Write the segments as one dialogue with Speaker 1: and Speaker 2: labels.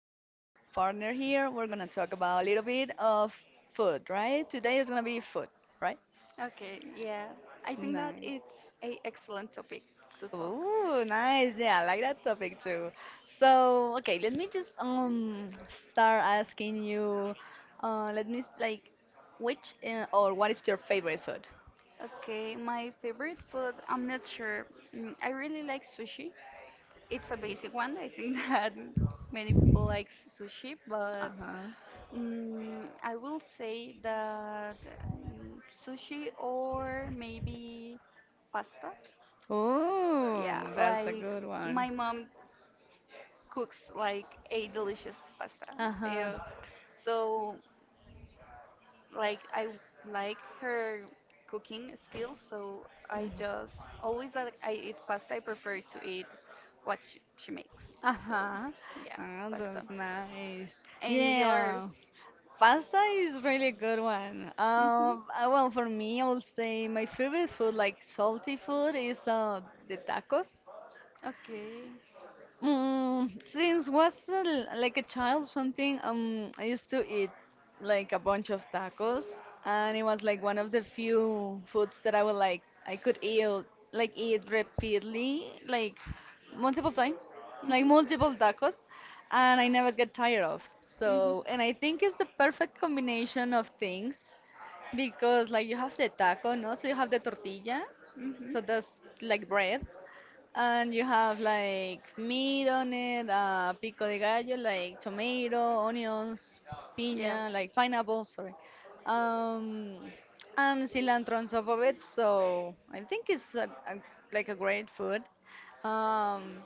Speaker 1: my partner
Speaker 2: partner
Speaker 1: here,
Speaker 2: here, we're
Speaker 1: we're going
Speaker 2: going to
Speaker 1: to talk
Speaker 2: talk
Speaker 1: about
Speaker 2: about
Speaker 1: a
Speaker 2: a little
Speaker 1: little bit
Speaker 2: bit
Speaker 1: of
Speaker 2: of
Speaker 1: food,
Speaker 2: food,
Speaker 1: right?
Speaker 2: right?
Speaker 1: Today
Speaker 2: Today
Speaker 1: is
Speaker 2: is going
Speaker 1: going to
Speaker 2: to
Speaker 1: be
Speaker 2: be food,
Speaker 1: food, right?
Speaker 2: right?
Speaker 1: Okay, yeah. I think that
Speaker 2: Nice.
Speaker 1: it's a excellent topic to talk. Ooh,
Speaker 2: Ooh,
Speaker 1: nice.
Speaker 2: nice.
Speaker 1: Yeah,
Speaker 2: Yeah, I
Speaker 1: I like
Speaker 2: like
Speaker 1: the
Speaker 2: that
Speaker 1: topic
Speaker 2: topic
Speaker 1: too.
Speaker 2: too.
Speaker 1: So,
Speaker 2: So,
Speaker 1: okay,
Speaker 2: okay, let
Speaker 1: let me
Speaker 2: me
Speaker 1: just
Speaker 2: just
Speaker 1: um start
Speaker 2: start
Speaker 1: asking
Speaker 2: asking
Speaker 1: you,
Speaker 2: you
Speaker 1: let me say,
Speaker 2: like
Speaker 1: which
Speaker 2: which
Speaker 1: or
Speaker 2: or what
Speaker 1: what is
Speaker 2: is your
Speaker 1: your favorite
Speaker 2: favorite food?
Speaker 1: food? Okay, my favorite food, I'm not sure. I really like sushi. It's a basic one. I think that many people like sushi, but
Speaker 2: Uh-huh.
Speaker 1: I will say that mm, sushi or maybe pasta. Yeah,
Speaker 2: Oh, that's a
Speaker 1: like
Speaker 2: good one.
Speaker 1: my mom cooks like a delicious pasta.
Speaker 2: Uh-huh.
Speaker 1: Yeah. So like I like her cooking skills, so I just always that I eat pasta, I prefer to eat what she makes. So
Speaker 2: Uh-huh.
Speaker 1: yeah,
Speaker 2: Oh,
Speaker 1: pasta.
Speaker 2: that's nice.
Speaker 1: And yours?
Speaker 2: Yeah. Pasta
Speaker 1: Pasta.
Speaker 2: is really good one.
Speaker 1: hmm Um,
Speaker 2: Well, for me, I will say
Speaker 1: my
Speaker 2: my favorite
Speaker 1: favorite
Speaker 2: food,
Speaker 1: food, like
Speaker 2: like salty
Speaker 1: salty food,
Speaker 2: food,
Speaker 1: is
Speaker 2: is the tacos.
Speaker 1: tacos. Okay.
Speaker 2: Since
Speaker 1: Since
Speaker 2: was
Speaker 1: like
Speaker 2: like a
Speaker 1: a
Speaker 2: child
Speaker 1: child,
Speaker 2: something, I used
Speaker 1: to
Speaker 2: to eat
Speaker 1: eat like
Speaker 2: like a
Speaker 1: a
Speaker 2: bunch of
Speaker 1: tacos,
Speaker 2: tacos,
Speaker 1: and
Speaker 2: and it
Speaker 1: it was
Speaker 2: was
Speaker 1: like
Speaker 2: like
Speaker 1: one
Speaker 2: one
Speaker 1: of
Speaker 2: of
Speaker 1: the
Speaker 2: the
Speaker 1: few
Speaker 2: few foods that
Speaker 1: I
Speaker 2: I
Speaker 1: could
Speaker 2: could eat like
Speaker 1: eat,
Speaker 2: eat repeatedly,
Speaker 1: like
Speaker 2: like multiple
Speaker 1: multiple times,
Speaker 2: times,
Speaker 1: like
Speaker 2: like
Speaker 1: Mhm. multiple
Speaker 2: multiple
Speaker 1: times,
Speaker 2: tacos, and
Speaker 1: and I
Speaker 2: I
Speaker 1: never
Speaker 2: never
Speaker 1: get
Speaker 2: get
Speaker 1: tired
Speaker 2: tired
Speaker 1: of.
Speaker 2: of.
Speaker 1: Mhm. So,
Speaker 2: So,
Speaker 1: and
Speaker 2: and
Speaker 1: I
Speaker 2: I think
Speaker 1: think
Speaker 2: it's
Speaker 1: it's
Speaker 2: the
Speaker 1: a
Speaker 2: perfect combination
Speaker 1: combination of
Speaker 2: of things
Speaker 1: because
Speaker 2: because like
Speaker 1: like
Speaker 2: you
Speaker 1: you have
Speaker 2: have the
Speaker 1: the tacos,
Speaker 2: taco,
Speaker 1: but
Speaker 2: no?
Speaker 1: also
Speaker 2: So you
Speaker 1: you have
Speaker 2: have the
Speaker 1: the tortilla,
Speaker 2: tortilla,
Speaker 1: Mhm. so
Speaker 2: so
Speaker 1: that's
Speaker 2: that's
Speaker 1: like
Speaker 2: like
Speaker 1: bread,
Speaker 2: bread. And
Speaker 1: and
Speaker 2: you
Speaker 1: you have
Speaker 2: have
Speaker 1: like
Speaker 2: like
Speaker 1: meat,
Speaker 2: meat on
Speaker 1: and,
Speaker 2: it, pico
Speaker 1: pico
Speaker 2: de
Speaker 1: de
Speaker 2: gallo,
Speaker 1: gallo, like
Speaker 2: like tomato,
Speaker 1: tomato, onions,
Speaker 2: onions,
Speaker 1: Yeah.
Speaker 2: piña,
Speaker 1: piña, like
Speaker 2: like pineapple, sorry.
Speaker 1: um,
Speaker 2: Um, and
Speaker 1: and
Speaker 2: cilantro
Speaker 1: cilantro.
Speaker 2: on top of it,
Speaker 1: It's so
Speaker 2: so I think
Speaker 1: it's
Speaker 2: it's
Speaker 1: a, like
Speaker 2: like a
Speaker 1: a great
Speaker 2: great
Speaker 1: food.
Speaker 2: food.
Speaker 1: Um,
Speaker 2: Um,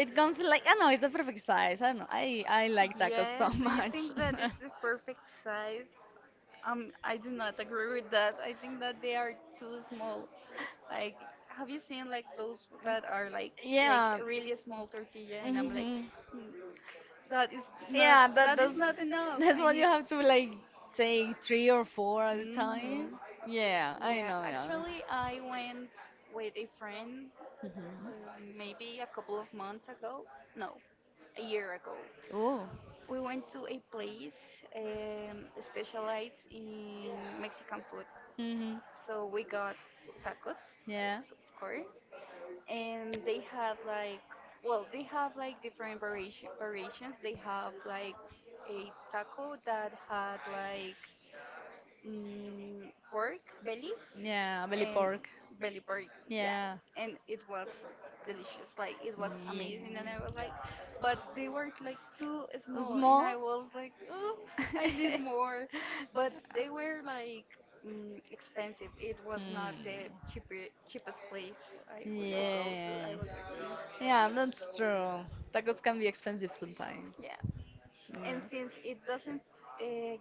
Speaker 1: it comes
Speaker 2: comes like,
Speaker 1: like
Speaker 2: I know, it's the perfect
Speaker 1: size.
Speaker 2: size. I don't know, I
Speaker 1: Like
Speaker 2: like
Speaker 1: that as
Speaker 2: tacos
Speaker 1: Yeah,
Speaker 2: so
Speaker 1: also. Do you
Speaker 2: much.
Speaker 1: think that it's the perfect size? I do not agree with that. I think that they are too small. Like, have you seen like those that are like Yeah. really small tortilla? And I'm like, "Mm, that is not Yeah, that that is not enough. I
Speaker 2: You
Speaker 1: need."
Speaker 2: have to like
Speaker 1: Take
Speaker 2: take three
Speaker 1: three,
Speaker 2: or
Speaker 1: four
Speaker 2: four at a
Speaker 1: times.
Speaker 2: time. Yeah,
Speaker 1: Yeah.
Speaker 2: I
Speaker 1: Yeah, actually, I went with a friend
Speaker 2: hmm.
Speaker 1: maybe a couple of months ago. No, a year ago.
Speaker 2: Oh.
Speaker 1: We went to a place specialized in Mexican food.
Speaker 2: Hmm.
Speaker 1: So we got tacos, so of course, and they had like, well, they have like different variations. They have like a taco that had like pork belly
Speaker 2: Yeah. Belly
Speaker 1: and
Speaker 2: pork.
Speaker 1: belly pork. Yeah,
Speaker 2: Yeah.
Speaker 1: and it was delicious. Like it was amazing, and I was like, but they were like too small, and I was like, oh, I need more. But they were like expensive. It was not
Speaker 2: Hmm.
Speaker 1: the cheaper cheapest place I would could go, so
Speaker 2: Yeah.
Speaker 1: I was like, mm,
Speaker 2: Yeah, that's true. Tacos can be expensive sometimes.
Speaker 1: yeah.
Speaker 2: Yeah.
Speaker 1: And since it doesn't uh,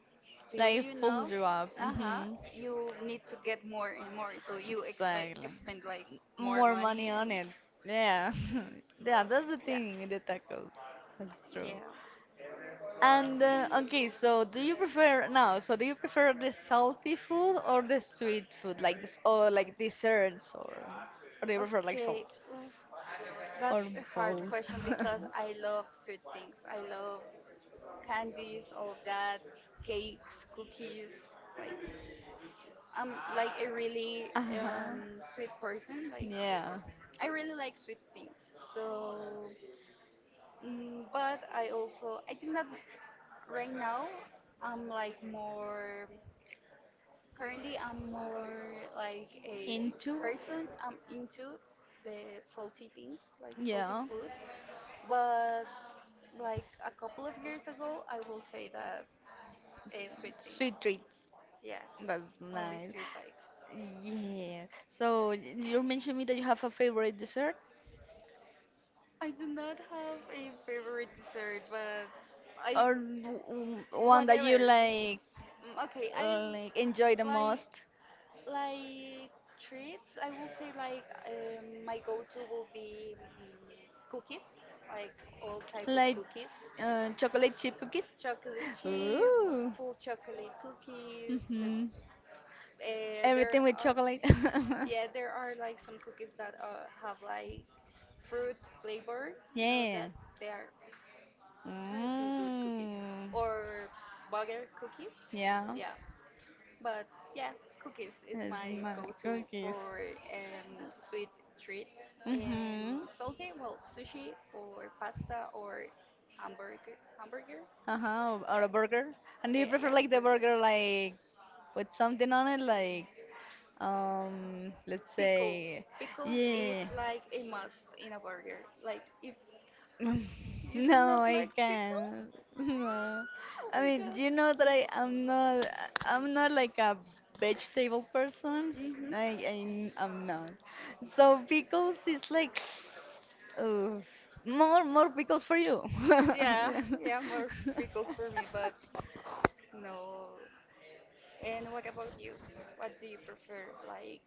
Speaker 1: feel
Speaker 2: Like
Speaker 1: you
Speaker 2: it
Speaker 1: now,
Speaker 2: pulls you up.
Speaker 1: uh-huh,
Speaker 2: Hmm.
Speaker 1: you need to get more and more. So you expend
Speaker 2: Exactly.
Speaker 1: expend like more
Speaker 2: More money
Speaker 1: money and
Speaker 2: on it. Yeah. Yeah, that's the
Speaker 1: yeah,
Speaker 2: thing with the tacos. That's true.
Speaker 1: yeah.
Speaker 2: And
Speaker 1: Okay,
Speaker 2: okay, so
Speaker 1: so
Speaker 2: do
Speaker 1: do
Speaker 2: you
Speaker 1: you
Speaker 2: prefer
Speaker 1: prefer now?
Speaker 2: now?
Speaker 1: So
Speaker 2: So do
Speaker 1: do
Speaker 2: you
Speaker 1: you prefer
Speaker 2: prefer the
Speaker 1: this salt,
Speaker 2: salty food or the
Speaker 1: sweet,
Speaker 2: sweet food, like this, or
Speaker 1: like
Speaker 2: like desserts, or do you prefer like
Speaker 1: Okay,
Speaker 2: salt,
Speaker 1: oof, that's
Speaker 2: or
Speaker 1: a hard
Speaker 2: both?
Speaker 1: question because I love sweet things. I love candies, all of that, cakes, cookies, like. I'm like a really
Speaker 2: Uh-huh.
Speaker 1: sweet person. Like
Speaker 2: Yeah.
Speaker 1: I really like sweet things. So, but I also I think that right now I'm like more currently I'm more like a person I'm into the salty things like salty
Speaker 2: Yeah.
Speaker 1: food. But like a couple of years ago I will say that sweet things.
Speaker 2: Sweet treats.
Speaker 1: Yeah,
Speaker 2: That's
Speaker 1: only
Speaker 2: nice.
Speaker 1: sweet like.
Speaker 2: Yeah. So you mentioned me that you have a favorite dessert
Speaker 1: I do not have a favorite dessert, but I
Speaker 2: or one that
Speaker 1: whatever.
Speaker 2: you
Speaker 1: Mm, okay, I
Speaker 2: like enjoy the
Speaker 1: like
Speaker 2: most.
Speaker 1: like treats. I will say like my go-to will be cookies, like all type of
Speaker 2: Like
Speaker 1: cookies,
Speaker 2: chocolate chip cookies.
Speaker 1: chocolate chip,
Speaker 2: Ooh.
Speaker 1: full chocolate cookies.
Speaker 2: Mhm. Everything
Speaker 1: There
Speaker 2: with
Speaker 1: are
Speaker 2: chocolate.
Speaker 1: yeah, there are like some cookies that have like fruit flavor. You know
Speaker 2: Yeah.
Speaker 1: that they are There are some good cookies
Speaker 2: Mm.
Speaker 1: or burger cookies.
Speaker 2: Yeah,
Speaker 1: Yeah, but yeah, cookies is
Speaker 2: it's
Speaker 1: my
Speaker 2: my
Speaker 1: go-to
Speaker 2: cookies.
Speaker 1: for sweet treats and
Speaker 2: Mm-hmm.
Speaker 1: salty. Well, sushi or pasta or hamburger. Hamburger.
Speaker 2: Uh-huh, or a burger. And do you
Speaker 1: Yeah,
Speaker 2: prefer
Speaker 1: yeah.
Speaker 2: like the burger like with something on it, like let's
Speaker 1: Pickles.
Speaker 2: say,
Speaker 1: Pickles is
Speaker 2: yeah.
Speaker 1: like a must in a burger. Like if you
Speaker 2: No,
Speaker 1: do not
Speaker 2: I
Speaker 1: like pickles,
Speaker 2: can't. No.
Speaker 1: oh
Speaker 2: I
Speaker 1: my
Speaker 2: mean, do you
Speaker 1: god.
Speaker 2: know that I'm not like a vegetable person.
Speaker 1: Mhm.
Speaker 2: I'm not.
Speaker 1: So
Speaker 2: So
Speaker 1: pickles
Speaker 2: pickles
Speaker 1: is
Speaker 2: is
Speaker 1: like
Speaker 2: like uh, more pickles for you.
Speaker 1: Yeah, yeah, more pickles for me, but no. And what about you? What do you prefer, like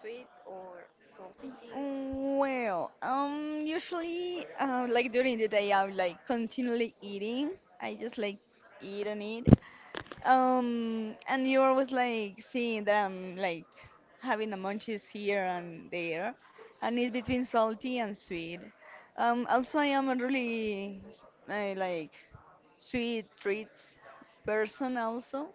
Speaker 1: sweet or salty things? Well,
Speaker 2: Well, usually,
Speaker 1: like
Speaker 2: like
Speaker 1: during
Speaker 2: during the
Speaker 1: the day
Speaker 2: day, I'm
Speaker 1: like
Speaker 2: like
Speaker 1: continually
Speaker 2: continually eating. I just
Speaker 1: just like
Speaker 2: like eat
Speaker 1: eat
Speaker 2: and eat.
Speaker 1: and Um,
Speaker 2: And
Speaker 1: and
Speaker 2: you
Speaker 1: like
Speaker 2: always like seeing that I'm like having a munchies here and there, and it's between salty and sweet.
Speaker 1: I'm
Speaker 2: Also I am a
Speaker 1: really like
Speaker 2: really like
Speaker 1: sweet
Speaker 2: sweet treats person also,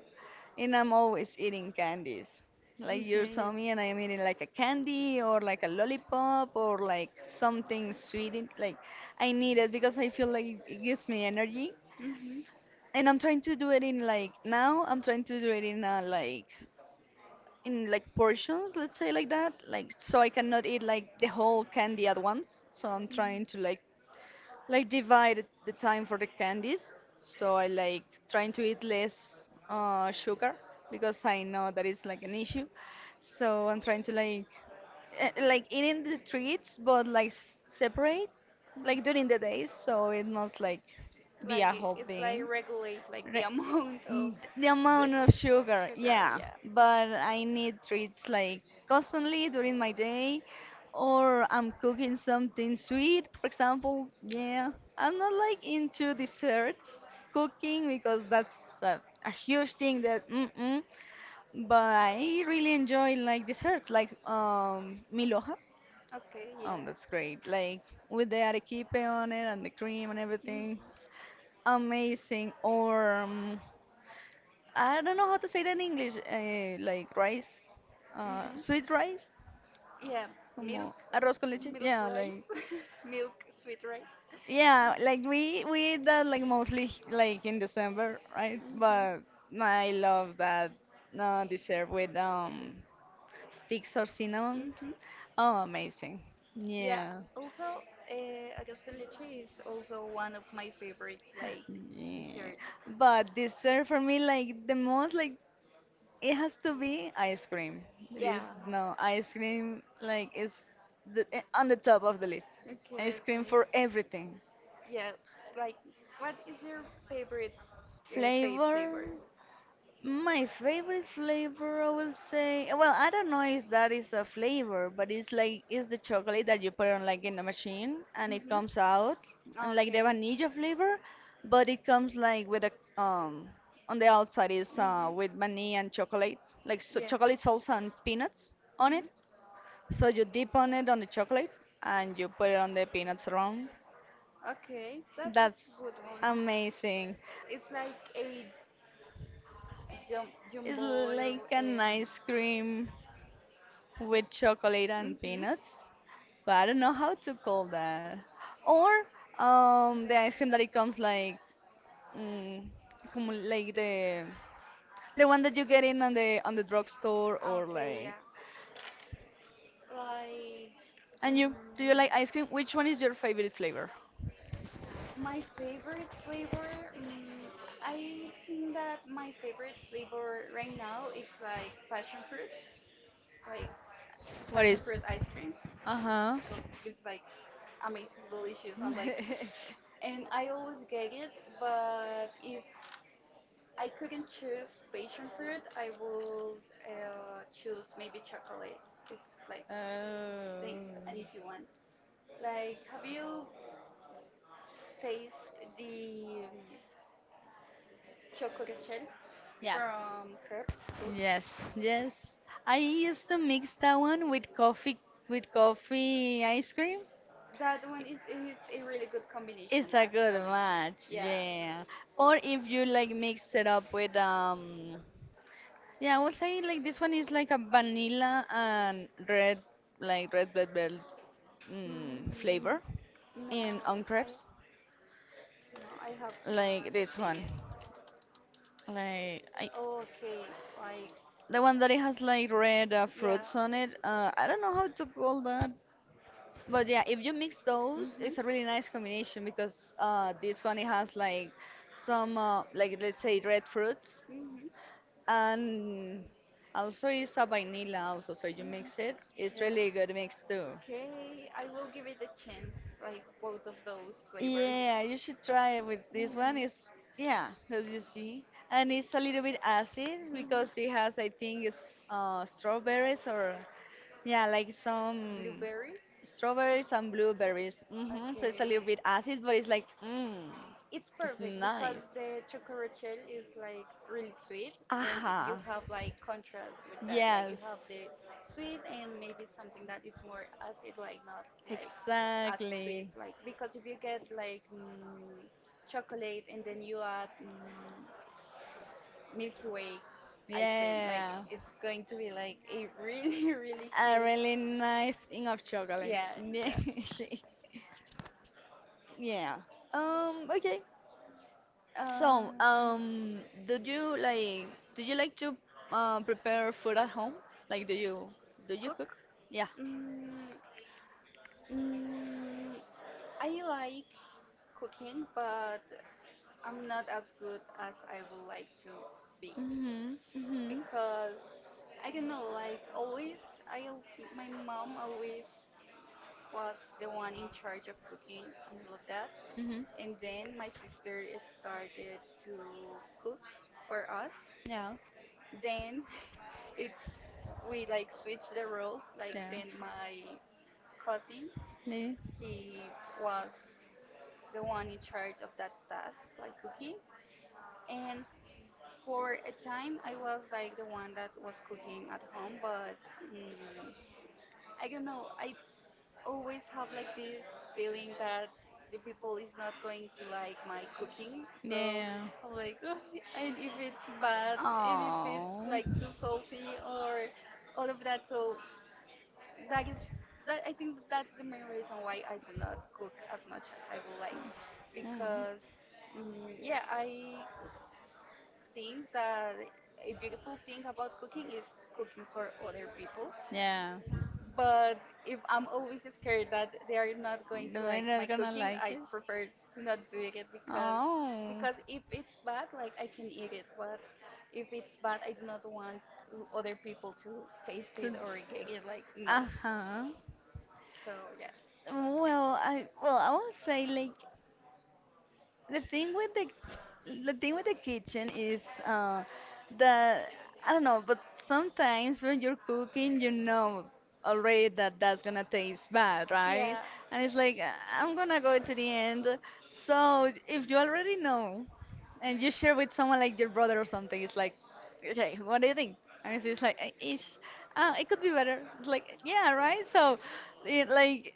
Speaker 2: and I'm always eating candies.
Speaker 1: like
Speaker 2: Like you
Speaker 1: Okay.
Speaker 2: saw
Speaker 1: Yeah.
Speaker 2: me,
Speaker 1: Me
Speaker 2: and I am eating like a
Speaker 1: like
Speaker 2: candy or like a lollipop or like
Speaker 1: something
Speaker 2: something sweet.
Speaker 1: Like
Speaker 2: Like I
Speaker 1: I need
Speaker 2: need
Speaker 1: it
Speaker 2: it
Speaker 1: because
Speaker 2: because
Speaker 1: I
Speaker 2: I feel
Speaker 1: feel like
Speaker 2: like it
Speaker 1: this
Speaker 2: gives me energy
Speaker 1: Mhm.
Speaker 2: and
Speaker 1: And
Speaker 2: I'm trying to do it in
Speaker 1: like
Speaker 2: like
Speaker 1: not
Speaker 2: now I'm trying to do it in like in
Speaker 1: in
Speaker 2: like portions, let's
Speaker 1: say
Speaker 2: say
Speaker 1: like
Speaker 2: like
Speaker 1: that.
Speaker 2: that,
Speaker 1: Like
Speaker 2: like
Speaker 1: so
Speaker 2: so
Speaker 1: I
Speaker 2: I cannot eat
Speaker 1: like
Speaker 2: like
Speaker 1: the
Speaker 2: the whole candy at
Speaker 1: So
Speaker 2: once, so I'm
Speaker 1: I'm trying
Speaker 2: trying
Speaker 1: Mhm.
Speaker 2: to
Speaker 1: to like
Speaker 2: like
Speaker 1: the
Speaker 2: divide the time for the
Speaker 1: typical
Speaker 2: candies
Speaker 1: So
Speaker 2: so I
Speaker 1: I
Speaker 2: like trying to eat less
Speaker 1: sugar
Speaker 2: sugar because
Speaker 1: because
Speaker 2: I know that is like an issue,
Speaker 1: so
Speaker 2: so
Speaker 1: I'm
Speaker 2: I'm
Speaker 1: trying
Speaker 2: trying to
Speaker 1: to
Speaker 2: like like
Speaker 1: like eating
Speaker 2: eating the
Speaker 1: the
Speaker 2: treats
Speaker 1: treats
Speaker 2: but like separate
Speaker 1: like
Speaker 2: like
Speaker 1: during
Speaker 2: during the
Speaker 1: the day.
Speaker 2: day
Speaker 1: So
Speaker 2: so it must
Speaker 1: like
Speaker 2: like be
Speaker 1: like
Speaker 2: a
Speaker 1: Yeah.
Speaker 2: whole
Speaker 1: It's like
Speaker 2: thing.
Speaker 1: regulate like the amount
Speaker 2: Mm,
Speaker 1: of
Speaker 2: the amount of sugar,
Speaker 1: sugar. Yeah.
Speaker 2: yeah,
Speaker 1: Yeah.
Speaker 2: but I need treats like constantly during my day, or I'm cooking something sweet, for example. Yeah, I'm not like into desserts cooking because that's a huge thing that mm-mm, but I really
Speaker 1: Really
Speaker 2: enjoy like desserts like miloja.
Speaker 1: Okay. Yeah.
Speaker 2: Oh, that's great. Like with the arequipe on it and the cream and
Speaker 1: Mhm.
Speaker 2: everything
Speaker 1: um,
Speaker 2: amazing or I don't
Speaker 1: really
Speaker 2: know how to say that in English, like rice,
Speaker 1: Mhm.
Speaker 2: sweet rice,
Speaker 1: Yeah. Milk.
Speaker 2: como arroz con leche.
Speaker 1: Milk Yeah. rice. Milk sweet rice. Yeah,
Speaker 2: Yeah, like we eat that like mostly
Speaker 1: like
Speaker 2: like in December, right? But I love that dessert with sticks or
Speaker 1: Mhm.
Speaker 2: cinnamon.
Speaker 1: Mhm.
Speaker 2: Oh, amazing.
Speaker 1: Yeah.
Speaker 2: Yeah.
Speaker 1: Also, arroz con leche is also one of my favorite like
Speaker 2: Yeah.
Speaker 1: dessert.
Speaker 2: But dessert for me like the most like it has to be ice cream. There is
Speaker 1: Yeah.
Speaker 2: no ice cream like is the, on the top of the list.
Speaker 1: Okay.
Speaker 2: Ice cream for
Speaker 1: Okay.
Speaker 2: everything.
Speaker 1: Yeah. Like, what is your favorite fave
Speaker 2: Flavor,
Speaker 1: flavor?
Speaker 2: my favorite flavor, I will say. Well, I don't know if that is a flavor, but it's like it's the chocolate that you put on like in the machine and it comes out and
Speaker 1: Oh, like
Speaker 2: like the
Speaker 1: okay.
Speaker 2: vanilla
Speaker 1: Vanilla flavor,
Speaker 2: flavor,
Speaker 1: but
Speaker 2: but
Speaker 1: it
Speaker 2: it
Speaker 1: comes
Speaker 2: comes
Speaker 1: like
Speaker 2: like
Speaker 1: with
Speaker 2: with
Speaker 1: a
Speaker 2: a
Speaker 1: um, on
Speaker 2: on
Speaker 1: the
Speaker 2: the outside
Speaker 1: outside is
Speaker 2: is
Speaker 1: with
Speaker 2: with vanilla
Speaker 1: Mhm. and
Speaker 2: and
Speaker 1: chocolate,
Speaker 2: chocolate,
Speaker 1: like
Speaker 2: like so
Speaker 1: sweet Yeah.
Speaker 2: chocolate salsa and peanuts on it.
Speaker 1: Mhm.
Speaker 2: So you dip on it on the chocolate and you put it on the peanuts round.
Speaker 1: Okay, that is
Speaker 2: That's
Speaker 1: good one.
Speaker 2: amazing.
Speaker 1: It's like a
Speaker 2: It's
Speaker 1: jumbo. Like
Speaker 2: like an
Speaker 1: Nice
Speaker 2: ice cream with chocolate
Speaker 1: and
Speaker 2: and
Speaker 1: mhm.
Speaker 2: peanuts. But I don't know how to call that. Or
Speaker 1: uh,
Speaker 2: the ice cream that
Speaker 1: it
Speaker 2: it
Speaker 1: comes
Speaker 2: comes like, mm, como
Speaker 1: like
Speaker 2: like
Speaker 1: the
Speaker 2: the
Speaker 1: one
Speaker 2: one
Speaker 1: that
Speaker 2: that
Speaker 1: you
Speaker 2: you get
Speaker 1: get in
Speaker 2: in
Speaker 1: on
Speaker 2: on
Speaker 1: the
Speaker 2: the
Speaker 1: drugstore.
Speaker 2: drugstore or
Speaker 1: Okay,
Speaker 2: like.
Speaker 1: yeah. Like
Speaker 2: And
Speaker 1: mm,
Speaker 2: you, do you like ice cream? Which one is your favorite flavor?
Speaker 1: my favorite flavor, mm, I think that my favorite flavor right now it's like
Speaker 2: What
Speaker 1: passion
Speaker 2: is?
Speaker 1: fruit ice cream.
Speaker 2: Uh huh.
Speaker 1: It's like amazing, delicious. I'm like, and I always get it. But if I couldn't choose passion fruit, I will choose maybe chocolate. It's like
Speaker 2: Oh.
Speaker 1: the an easy one. Like, have you tasted the chocolate chip from crepes. Oops.
Speaker 2: Yes, yes. I used to mix that one with coffee ice cream.
Speaker 1: That one is a really good combination,
Speaker 2: It's a good
Speaker 1: actually.
Speaker 2: match,
Speaker 1: Yeah.
Speaker 2: yeah. Or if you like mix it up with yeah, I would say like this one is like a vanilla and red, like red velvet
Speaker 1: Mm,
Speaker 2: flavor
Speaker 1: no,
Speaker 2: in on
Speaker 1: I
Speaker 2: crepes,
Speaker 1: no, I have not
Speaker 2: like this
Speaker 1: seen
Speaker 2: one,
Speaker 1: it.
Speaker 2: like I
Speaker 1: Oh, okay, like
Speaker 2: the one that it has like red
Speaker 1: yeah.
Speaker 2: fruits on it. I don't know how to call that, but yeah, if you mix those,
Speaker 1: Mhm.
Speaker 2: it's a really nice combination because this one
Speaker 1: Bunny
Speaker 2: it
Speaker 1: has
Speaker 2: has
Speaker 1: like
Speaker 2: like
Speaker 1: some
Speaker 2: some like let's
Speaker 1: let's
Speaker 2: say
Speaker 1: say red
Speaker 2: red
Speaker 1: fruits,
Speaker 2: fruits.
Speaker 1: hmm and
Speaker 2: And
Speaker 1: also
Speaker 2: also
Speaker 1: it's
Speaker 2: it's
Speaker 1: a
Speaker 2: a vanilla also, so
Speaker 1: so
Speaker 2: you
Speaker 1: you Mhm.
Speaker 2: mix
Speaker 1: it.
Speaker 2: it.
Speaker 1: It's
Speaker 2: It's
Speaker 1: Yeah. really
Speaker 2: really
Speaker 1: good
Speaker 2: good mix too.
Speaker 1: Okay, I will give it a chance, like both of those flavors.
Speaker 2: Yeah,
Speaker 1: Yeah, you
Speaker 2: you should
Speaker 1: should try
Speaker 2: try it with this one.
Speaker 1: it. Hmm
Speaker 2: It's yeah, as you see,
Speaker 1: and a
Speaker 2: and
Speaker 1: little
Speaker 2: it's a little
Speaker 1: bit
Speaker 2: bit acid
Speaker 1: hmm because
Speaker 2: because it
Speaker 1: it has
Speaker 2: has,
Speaker 1: like
Speaker 2: I think, it's
Speaker 1: strawberries
Speaker 2: strawberries
Speaker 1: or
Speaker 2: or yeah,
Speaker 1: yeah, like
Speaker 2: like
Speaker 1: some
Speaker 2: some
Speaker 1: Blueberries. Strawberries.
Speaker 2: strawberries
Speaker 1: Mhm,
Speaker 2: and
Speaker 1: so
Speaker 2: blueberries. Hmm. So it's a little
Speaker 1: Okay.
Speaker 2: bit acid, but it's like, mmm,
Speaker 1: It's
Speaker 2: it's
Speaker 1: perfect because
Speaker 2: nice.
Speaker 1: the chocorachel is like really sweet, and if you
Speaker 2: Aha.
Speaker 1: have like contrast with that, like you
Speaker 2: Yes.
Speaker 1: have the sweet and maybe something that it's more acid, like not like as sweet,
Speaker 2: Exactly.
Speaker 1: like because if you get like chocolate and then you add Milky Way ice cream, like
Speaker 2: Yeah.
Speaker 1: it's going to be like a really really
Speaker 2: A
Speaker 1: huge,
Speaker 2: really nice thing of chocolate.
Speaker 1: yeah,
Speaker 2: Yeah.
Speaker 1: yeah.
Speaker 2: Yeah. Okay. So,
Speaker 1: Uh,
Speaker 2: do you like do you like to prepare food at home? Like, do you cook?
Speaker 1: cook?
Speaker 2: Yeah.
Speaker 1: Mm, mm, I like cooking, but I'm not as good as I would like to be
Speaker 2: Mhm. Mhm.
Speaker 1: because I don't know. Like always, I al- my mom always was the one in charge of cooking and all of that,
Speaker 2: Mhm.
Speaker 1: and then my sister started to cook for us,
Speaker 2: Yeah.
Speaker 1: then it's we like switch the roles. Like
Speaker 2: Yeah.
Speaker 1: then my cousin,
Speaker 2: Yeah.
Speaker 1: he was the one in charge of that task, like cooking. And for a time, I was like the one that was cooking at home, but mm, I don't know. I always have like this feeling that the people is not going to like my cooking so
Speaker 2: Yeah.
Speaker 1: I'm like "Ugh," and if it's bad and if it's
Speaker 2: Oh.
Speaker 1: like too salty or all of that so that is that I think that's the main reason why I do not cook as much as I would like
Speaker 2: Mm.
Speaker 1: because yeah I think that a beautiful thing about cooking is cooking for other people
Speaker 2: Yeah.
Speaker 1: but if I'm always scared that they are not going
Speaker 2: No,
Speaker 1: to like
Speaker 2: I'm not
Speaker 1: my
Speaker 2: gonna
Speaker 1: cooking,
Speaker 2: like
Speaker 1: I
Speaker 2: it.
Speaker 1: prefer to not do it
Speaker 2: Oh.
Speaker 1: because if it's bad, like I can eat it. But if it's bad, I do not want to- other people to taste
Speaker 2: So,
Speaker 1: it or get it. Like no.
Speaker 2: uh-huh.
Speaker 1: So yeah.
Speaker 2: Well, I won't say like The
Speaker 1: The thing
Speaker 2: thing with
Speaker 1: with
Speaker 2: the
Speaker 1: the
Speaker 2: the
Speaker 1: the thing
Speaker 2: thing with
Speaker 1: with
Speaker 2: the
Speaker 1: the kitchen
Speaker 2: kitchen
Speaker 1: is
Speaker 2: is
Speaker 1: um, that
Speaker 2: that
Speaker 1: I
Speaker 2: I
Speaker 1: don't
Speaker 2: don't
Speaker 1: know,
Speaker 2: know,
Speaker 1: but
Speaker 2: but
Speaker 1: sometimes
Speaker 2: sometimes when
Speaker 1: when
Speaker 2: you're
Speaker 1: you're
Speaker 2: cooking,
Speaker 1: cooking,
Speaker 2: you
Speaker 1: you know
Speaker 2: know already
Speaker 1: already that's
Speaker 2: that that's gonna
Speaker 1: gonna pay
Speaker 2: taste
Speaker 1: back,
Speaker 2: bad,
Speaker 1: right?
Speaker 2: right?
Speaker 1: Yeah.
Speaker 2: And
Speaker 1: And
Speaker 2: it's
Speaker 1: it's like
Speaker 2: like,
Speaker 1: I'm
Speaker 2: I'm gonna
Speaker 1: gonna go
Speaker 2: go
Speaker 1: to
Speaker 2: to the
Speaker 1: the end.
Speaker 2: end."
Speaker 1: So
Speaker 2: So
Speaker 1: if
Speaker 2: if you
Speaker 1: you
Speaker 2: already
Speaker 1: already
Speaker 2: know,
Speaker 1: and
Speaker 2: and you
Speaker 1: you
Speaker 2: share
Speaker 1: share with
Speaker 2: with someone like your brother or
Speaker 1: something,
Speaker 2: something, it's like,
Speaker 1: it's like,
Speaker 2: okay, what
Speaker 1: what
Speaker 2: do
Speaker 1: do
Speaker 2: you
Speaker 1: you think?
Speaker 2: think? And
Speaker 1: And it's
Speaker 2: it's
Speaker 1: like
Speaker 2: like,
Speaker 1: "Hey,
Speaker 2: ish,
Speaker 1: I
Speaker 2: it
Speaker 1: think
Speaker 2: could be
Speaker 1: better."
Speaker 2: better." It's
Speaker 1: It's like
Speaker 2: like, yeah,
Speaker 1: yeah, right?
Speaker 2: right? So,
Speaker 1: So
Speaker 2: it,
Speaker 1: it like
Speaker 2: like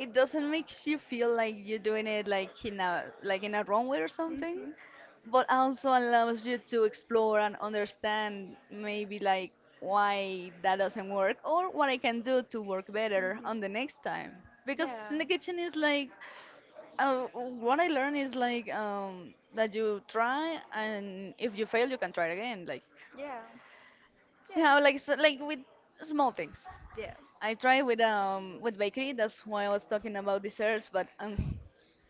Speaker 1: it doesn't
Speaker 2: doesn't
Speaker 1: make
Speaker 2: makes
Speaker 1: you
Speaker 2: you
Speaker 1: feel
Speaker 2: feel like
Speaker 1: like
Speaker 2: you're
Speaker 1: you're
Speaker 2: doing
Speaker 1: doing it
Speaker 2: it like
Speaker 1: like in
Speaker 2: in
Speaker 1: a
Speaker 2: a wrong way or something,
Speaker 1: something, Mhm. but
Speaker 2: but also
Speaker 1: also allows
Speaker 2: allows
Speaker 1: you
Speaker 2: you
Speaker 1: to
Speaker 2: to explore and
Speaker 1: understand
Speaker 2: understand maybe
Speaker 1: maybe like
Speaker 2: like
Speaker 1: why
Speaker 2: why that
Speaker 1: that
Speaker 2: doesn't
Speaker 1: doesn't
Speaker 2: work
Speaker 1: work
Speaker 2: or what I
Speaker 1: and
Speaker 2: can do
Speaker 1: do it
Speaker 2: to work
Speaker 1: better
Speaker 2: better
Speaker 1: Mhm. on
Speaker 2: on
Speaker 1: Mm-hmm.
Speaker 2: the
Speaker 1: the next
Speaker 2: next
Speaker 1: time
Speaker 2: time
Speaker 1: because
Speaker 2: because
Speaker 1: Yeah.
Speaker 2: in the
Speaker 1: look at
Speaker 2: kitchen is
Speaker 1: like
Speaker 2: like what I learned is like
Speaker 1: oh
Speaker 2: that you try and if you fail you can try it again, like
Speaker 1: Yeah.
Speaker 2: yeah, like
Speaker 1: Yeah.
Speaker 2: so, like with small things
Speaker 1: Yeah.
Speaker 2: I tried with bakery. That's why I was talking about desserts, but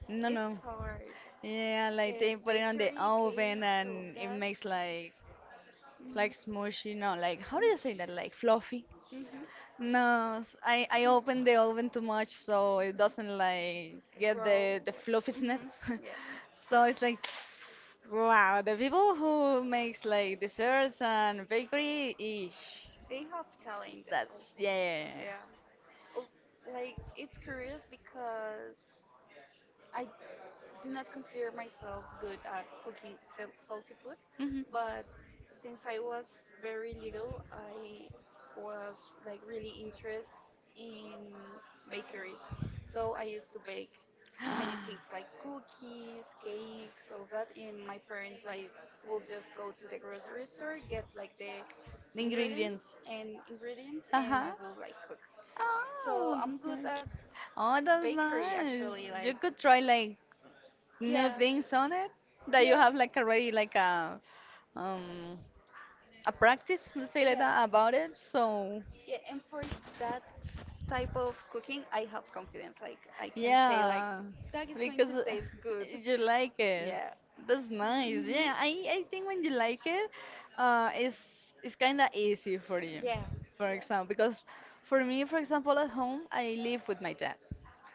Speaker 2: no,
Speaker 1: It's
Speaker 2: no.
Speaker 1: hard.
Speaker 2: Yeah, like they put it on the
Speaker 1: Bakery,
Speaker 2: oven
Speaker 1: cakes, all
Speaker 2: and it
Speaker 1: that.
Speaker 2: makes like
Speaker 1: Mm.
Speaker 2: smushy. No, like how do you say that? Like fluffy.
Speaker 1: Mm-hmm.
Speaker 2: No, I open the oven too much, so it doesn't like get
Speaker 1: Grow.
Speaker 2: the
Speaker 1: Like, mm-hmm.
Speaker 2: fluffiness.
Speaker 1: Yeah.
Speaker 2: So it's like. Wow, the people who makes like desserts and bakery, eesh,
Speaker 1: They have talent. All-
Speaker 2: that's yeah.
Speaker 1: Yeah. l- like it's curious because I do not consider myself good at cooking salty food,
Speaker 2: Mhm.
Speaker 1: but since I was very little, I was like really interested in bakery. So I used to bake many things like cookies, cakes, all that. And my parents like will just go to the grocery store, get like the
Speaker 2: The
Speaker 1: ingredients
Speaker 2: ingredients.
Speaker 1: and ingredients, and
Speaker 2: Uh-huh.
Speaker 1: I will like cook. So
Speaker 2: Oh,
Speaker 1: I'm good
Speaker 2: that's nice.
Speaker 1: at
Speaker 2: Oh, that's
Speaker 1: bakery
Speaker 2: nice.
Speaker 1: actually.
Speaker 2: You
Speaker 1: Like
Speaker 2: could try like new
Speaker 1: yeah,
Speaker 2: things on it that you
Speaker 1: yeah,
Speaker 2: have like
Speaker 1: yeah,
Speaker 2: already like um a practice, let's say like that about it. So
Speaker 1: yeah. And for that type of cooking, I have confidence. Like I can say like
Speaker 2: yeah,
Speaker 1: that is going
Speaker 2: because
Speaker 1: to taste good.
Speaker 2: you like it.
Speaker 1: Yeah.
Speaker 2: That's nice.
Speaker 1: Mhm.
Speaker 2: Yeah, I think when you like it, it's kind of easy for you.
Speaker 1: Yeah.
Speaker 2: For example, because for me, for example, at home I live with my dad.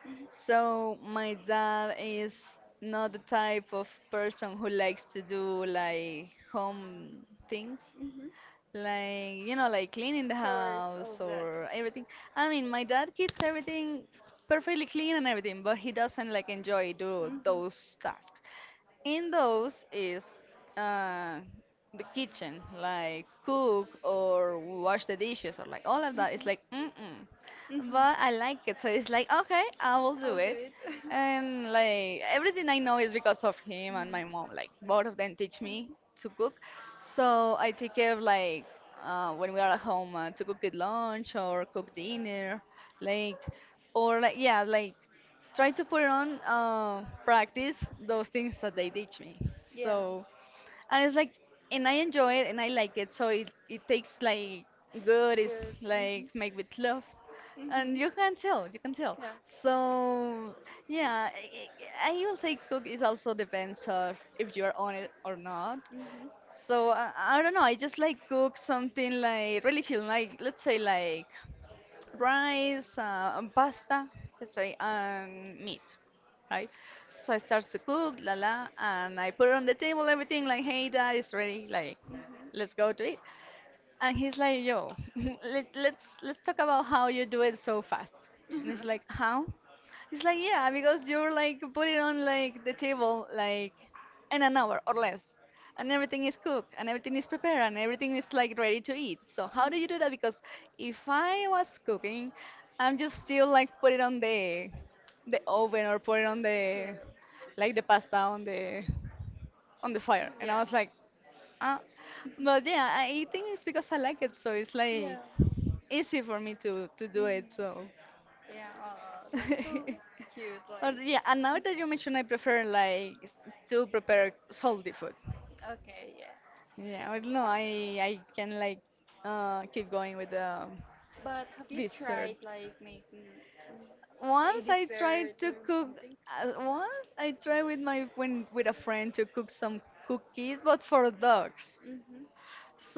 Speaker 1: Yeah. Mhm.
Speaker 2: So my dad is not the type of person who likes to do like home things.
Speaker 1: hmm
Speaker 2: Like, you know, like cleaning the
Speaker 1: Chores, all
Speaker 2: house
Speaker 1: of that.
Speaker 2: or everything. I mean, my dad keeps
Speaker 1: Hmm
Speaker 2: everything perfectly clean and everything, but he doesn't like enjoy do
Speaker 1: hmm
Speaker 2: those tasks. In those is uh, the kitchen, like cook or wash the dishes or like all of that. It's like, mm-mm,
Speaker 1: hmm
Speaker 2: but I like it. So it's like, okay, I will
Speaker 1: I'll
Speaker 2: do
Speaker 1: do
Speaker 2: it.
Speaker 1: it.
Speaker 2: And like everything I know is because of him and my mom. Like both of them teach me to cook. So I take care of like when we are at home to cook it lunch or cook dinner, like or
Speaker 1: Mhm.
Speaker 2: like yeah, like try
Speaker 1: Right
Speaker 2: to put on
Speaker 1: now, practice.
Speaker 2: practice those things that they teach me.
Speaker 1: Yeah.
Speaker 2: So and it's like
Speaker 1: and
Speaker 2: and I
Speaker 1: I
Speaker 2: enjoy it
Speaker 1: and
Speaker 2: and I
Speaker 1: I like
Speaker 2: like
Speaker 1: it.
Speaker 2: it. So it
Speaker 1: Takes
Speaker 2: takes
Speaker 1: like
Speaker 2: like
Speaker 1: good.
Speaker 2: good.
Speaker 1: Good.
Speaker 2: It's
Speaker 1: Like
Speaker 2: like
Speaker 1: mhm. Make
Speaker 2: make
Speaker 1: the
Speaker 2: with love
Speaker 1: clothes.
Speaker 2: and you
Speaker 1: Mhm.
Speaker 2: can tell, you can tell.
Speaker 1: Yeah. So
Speaker 2: So
Speaker 1: uh,
Speaker 2: yeah,
Speaker 1: I
Speaker 2: I will say
Speaker 1: would cook
Speaker 2: cook
Speaker 1: is
Speaker 2: is
Speaker 1: also
Speaker 2: also
Speaker 1: depends
Speaker 2: depends
Speaker 1: on
Speaker 2: on
Speaker 1: if
Speaker 2: if
Speaker 1: you're
Speaker 2: you're on it
Speaker 1: hungry.
Speaker 2: or not.
Speaker 1: Mhm. So
Speaker 2: So I don't know. I just
Speaker 1: I
Speaker 2: like
Speaker 1: cook
Speaker 2: cook
Speaker 1: something
Speaker 2: something like really chill, like let's say
Speaker 1: like
Speaker 2: like rice, and
Speaker 1: pasta,
Speaker 2: pasta, let's
Speaker 1: say
Speaker 2: say,
Speaker 1: and
Speaker 2: and
Speaker 1: meat.
Speaker 2: meat, right? So
Speaker 1: So
Speaker 2: I
Speaker 1: I
Speaker 2: start to
Speaker 1: cook
Speaker 2: cook, la
Speaker 1: granola
Speaker 2: la,
Speaker 1: and
Speaker 2: and
Speaker 1: I
Speaker 2: I put
Speaker 1: put
Speaker 2: it
Speaker 1: on
Speaker 2: on the
Speaker 1: the.
Speaker 2: table, everything like, hey, dad, it's ready, like, let's
Speaker 1: Mhm.
Speaker 2: go to it. And he's like,
Speaker 1: And
Speaker 2: yo, let's talk about how you do it so fast.
Speaker 1: mhm.
Speaker 2: And it's
Speaker 1: Yeah.
Speaker 2: like, how? It's like, yeah, because you're like put it on like the table like in an hour or less. And everything is cooked and everything is prepared and everything is like ready to eat. So how do you do that? Because if I was cooking, I'm just still like put it on the oven or put it on the like the pasta on the fire. And I was like, uh, but yeah, I think it's because I like it, so it's
Speaker 1: Yeah.
Speaker 2: like
Speaker 1: Yeah.
Speaker 2: easy for me to do
Speaker 1: Mhm.
Speaker 2: it. So,
Speaker 1: Yeah. Oh, that's so cute.
Speaker 2: but
Speaker 1: Like.
Speaker 2: yeah, and now that you mention, I prefer like to prepare salty food.
Speaker 1: Okay. Yeah.
Speaker 2: Yeah, I don't know. I can like keep going with the
Speaker 1: But have you
Speaker 2: dessert.
Speaker 1: tried like making a. Once I tried
Speaker 2: Once I
Speaker 1: dessert
Speaker 2: tried
Speaker 1: to or
Speaker 2: to
Speaker 1: cook,
Speaker 2: cook.
Speaker 1: something?
Speaker 2: Once I tried with
Speaker 1: I
Speaker 2: my
Speaker 1: went
Speaker 2: when
Speaker 1: with
Speaker 2: with a
Speaker 1: a,
Speaker 2: friend to cook
Speaker 1: some
Speaker 2: some
Speaker 1: cookies,
Speaker 2: cookies, but
Speaker 1: but.
Speaker 2: for dogs.
Speaker 1: Mm-hmm.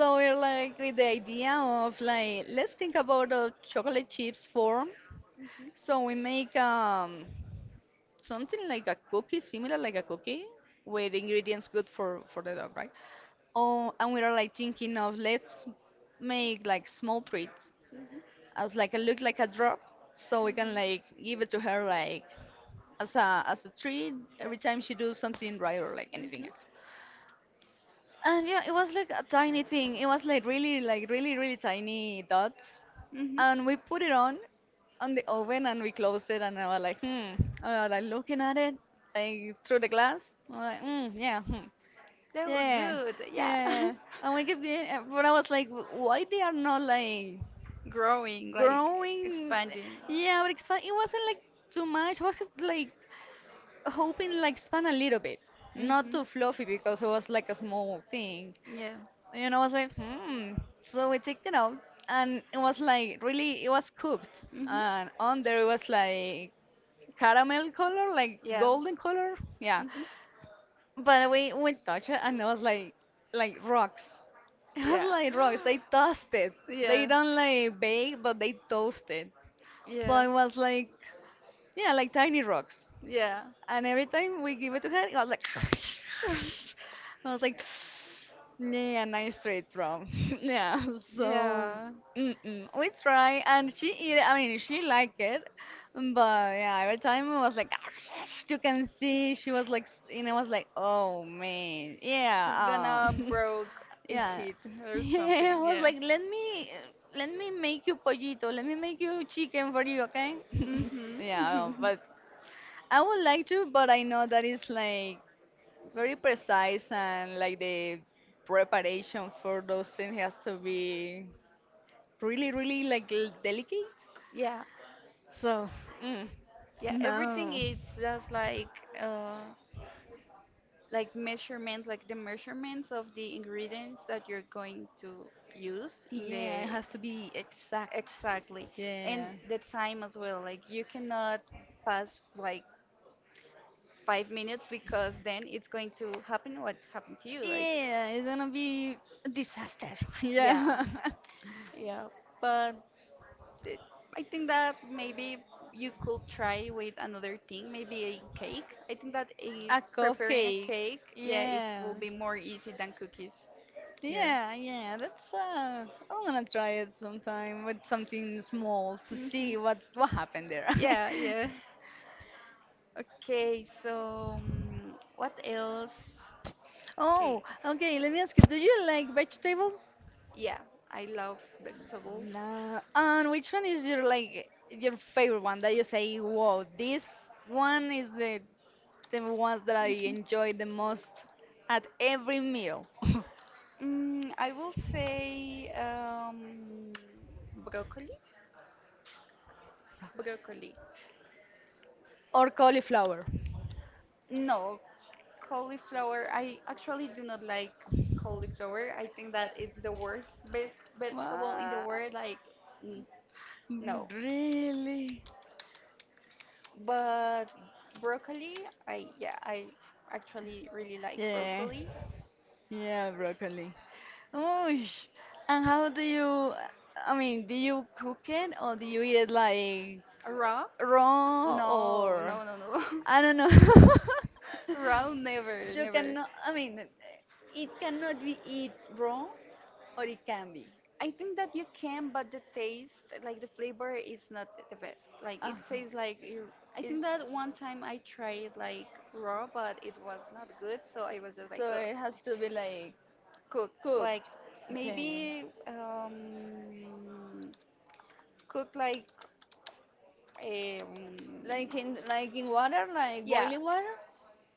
Speaker 1: So
Speaker 2: we're
Speaker 1: like
Speaker 2: like
Speaker 1: with
Speaker 2: with
Speaker 1: the
Speaker 2: the idea
Speaker 1: idea of
Speaker 2: of
Speaker 1: like
Speaker 2: like
Speaker 1: let's
Speaker 2: let's think about
Speaker 1: have
Speaker 2: a
Speaker 1: chocolate
Speaker 2: chocolate chips
Speaker 1: score,
Speaker 2: form.
Speaker 1: mm-hmm, so
Speaker 2: So we
Speaker 1: I make
Speaker 2: make
Speaker 1: something
Speaker 2: something
Speaker 1: like
Speaker 2: like
Speaker 1: a
Speaker 2: a
Speaker 1: cookie
Speaker 2: cookie, similar like a cookie, with ingredients good for
Speaker 1: for the
Speaker 2: the dog, right?
Speaker 1: day. Oh,
Speaker 2: Oh,
Speaker 1: and
Speaker 2: and
Speaker 1: we
Speaker 2: we're
Speaker 1: are like
Speaker 2: like thinking
Speaker 1: thinking of
Speaker 2: of
Speaker 1: let's
Speaker 2: let's
Speaker 1: make
Speaker 2: make
Speaker 1: like
Speaker 2: like small
Speaker 1: small treats.
Speaker 2: treats
Speaker 1: Mm-hmm. As
Speaker 2: as
Speaker 1: like
Speaker 2: like a
Speaker 1: a
Speaker 2: look
Speaker 1: look like
Speaker 2: like
Speaker 1: a
Speaker 2: a
Speaker 1: drop,
Speaker 2: drop,
Speaker 1: so
Speaker 2: so we
Speaker 1: we can,
Speaker 2: can
Speaker 1: mm-hmm, like
Speaker 2: like give
Speaker 1: give
Speaker 2: it
Speaker 1: it
Speaker 2: to
Speaker 1: to her
Speaker 2: her like
Speaker 1: like. Yeah. hmm
Speaker 2: as
Speaker 1: hmm
Speaker 2: a treat every time she does something right or like anything. And yeah, it was like a tiny thing. It was like really, really tiny dots. And we put it on the oven, and we closed it. And I was like, hmm. I was like looking at it, like through the glass. I was like, yeah, hmm,
Speaker 1: They look
Speaker 2: yeah,
Speaker 1: good. Yeah.
Speaker 2: yeah. And we kept getting, but I was like, why they are not like
Speaker 1: Growing, like
Speaker 2: growing?
Speaker 1: expanding.
Speaker 2: Yeah, but expand. It wasn't like too much. I was just like hoping like span a little bit, not
Speaker 1: Hmm
Speaker 2: too fluffy because it was like a small thing
Speaker 1: Yeah.
Speaker 2: and I was like, hmm. So we checked it out, and it was like really, it was cooked,
Speaker 1: hmm
Speaker 2: and on there it was like caramel color, like
Speaker 1: Yeah. hmm Yeah.
Speaker 2: golden color, yeah.
Speaker 1: Yeah.
Speaker 2: But we touched it, and it was like rocks. It was like rocks. They toasted. They don't like bake, but they toasted. So it was like yeah, like tiny rocks.
Speaker 1: Yeah. Yeah.
Speaker 2: And every time we give it to her, I was like, I was like, yeah, nice straight from. Yeah, so mm-mm. We try, and she eat. It. I mean, she liked it, but yeah, every time it was like, you can see she was like, and I was like, oh man,
Speaker 1: Yeah.
Speaker 2: yeah,
Speaker 1: Yeah, she's gonna
Speaker 2: um,
Speaker 1: broke a
Speaker 2: yeah,
Speaker 1: kid or yeah,
Speaker 2: yeah.
Speaker 1: something.
Speaker 2: I
Speaker 1: Well,
Speaker 2: was
Speaker 1: yeah,
Speaker 2: like, let me make you pollito, let me make you chicken for you, okay?
Speaker 1: yeah.
Speaker 2: Yeah,
Speaker 1: Mhm.
Speaker 2: but I would like to, but I know that it's like very precise and like the preparation for those things has to be really, really like delicate.
Speaker 1: Yeah. So,
Speaker 2: So, mm,
Speaker 1: yeah, everything
Speaker 2: no.
Speaker 1: is just uh like measurements, like the measurements of the ingredients that you're going to use in
Speaker 2: Yeah, it
Speaker 1: the.
Speaker 2: has to be exact.
Speaker 1: Exactly. And
Speaker 2: Yeah.
Speaker 1: the time as well, like you cannot pass like 5 minutes because then it's going to happen what happened to you. Like,
Speaker 2: Yeah, it's gonna be a disaster.
Speaker 1: yeah,
Speaker 2: Yeah.
Speaker 1: yeah, yeah. But it, I think that maybe you could try with another thing, maybe a cake. I think that a,
Speaker 2: A
Speaker 1: preparing a
Speaker 2: cupcake.
Speaker 1: cake, yeah, it
Speaker 2: Yeah.
Speaker 1: will be more easy than cookies. Yeah.
Speaker 2: Yeah, yeah, that's I'm gonna try it sometime with something small to
Speaker 1: hmm
Speaker 2: see what happened there.
Speaker 1: Yeah, yeah. Okay, so mm, what else?
Speaker 2: Oh,
Speaker 1: Okay,
Speaker 2: okay, let me ask you, do you like vegetables?
Speaker 1: yeah, I love vegetables.
Speaker 2: Nah. And which one is your like your favorite one that you say, "Wow, this one is the ones that I
Speaker 1: Mhm.
Speaker 2: enjoy the most at every meal,
Speaker 1: I will say broccoli. Broccoli.
Speaker 2: or cauliflower.
Speaker 1: No, cauliflower, I actually do not like cauliflower. I think that it's the worst best vegetable in the
Speaker 2: What?
Speaker 1: world. Like, mm, no.
Speaker 2: Really?
Speaker 1: But broccoli, I actually really like
Speaker 2: Yeah,
Speaker 1: broccoli.
Speaker 2: yeah, broccoli. Oosh. And how do you, I mean, do you cook it or do you eat it
Speaker 1: Like
Speaker 2: like
Speaker 1: raw?
Speaker 2: raw
Speaker 1: No,
Speaker 2: or
Speaker 1: no, no, no.
Speaker 2: I don't know.
Speaker 1: Raw, never,
Speaker 2: You
Speaker 1: never.
Speaker 2: cannot, I mean, it cannot be eat raw or it can be.
Speaker 1: I think that you can, but the taste, like the flavor, is not the best. Like
Speaker 2: Uh,
Speaker 1: it tastes like you. I think
Speaker 2: is
Speaker 1: that one time I tried like raw, but it was not good, so I was just like,
Speaker 2: so
Speaker 1: so ugh.
Speaker 2: it has to be
Speaker 1: Like
Speaker 2: like
Speaker 1: cooked. Like
Speaker 2: cooked. Okay.
Speaker 1: maybe cooked like um, like in like
Speaker 2: Like
Speaker 1: in
Speaker 2: in
Speaker 1: water,
Speaker 2: water, like boiling water,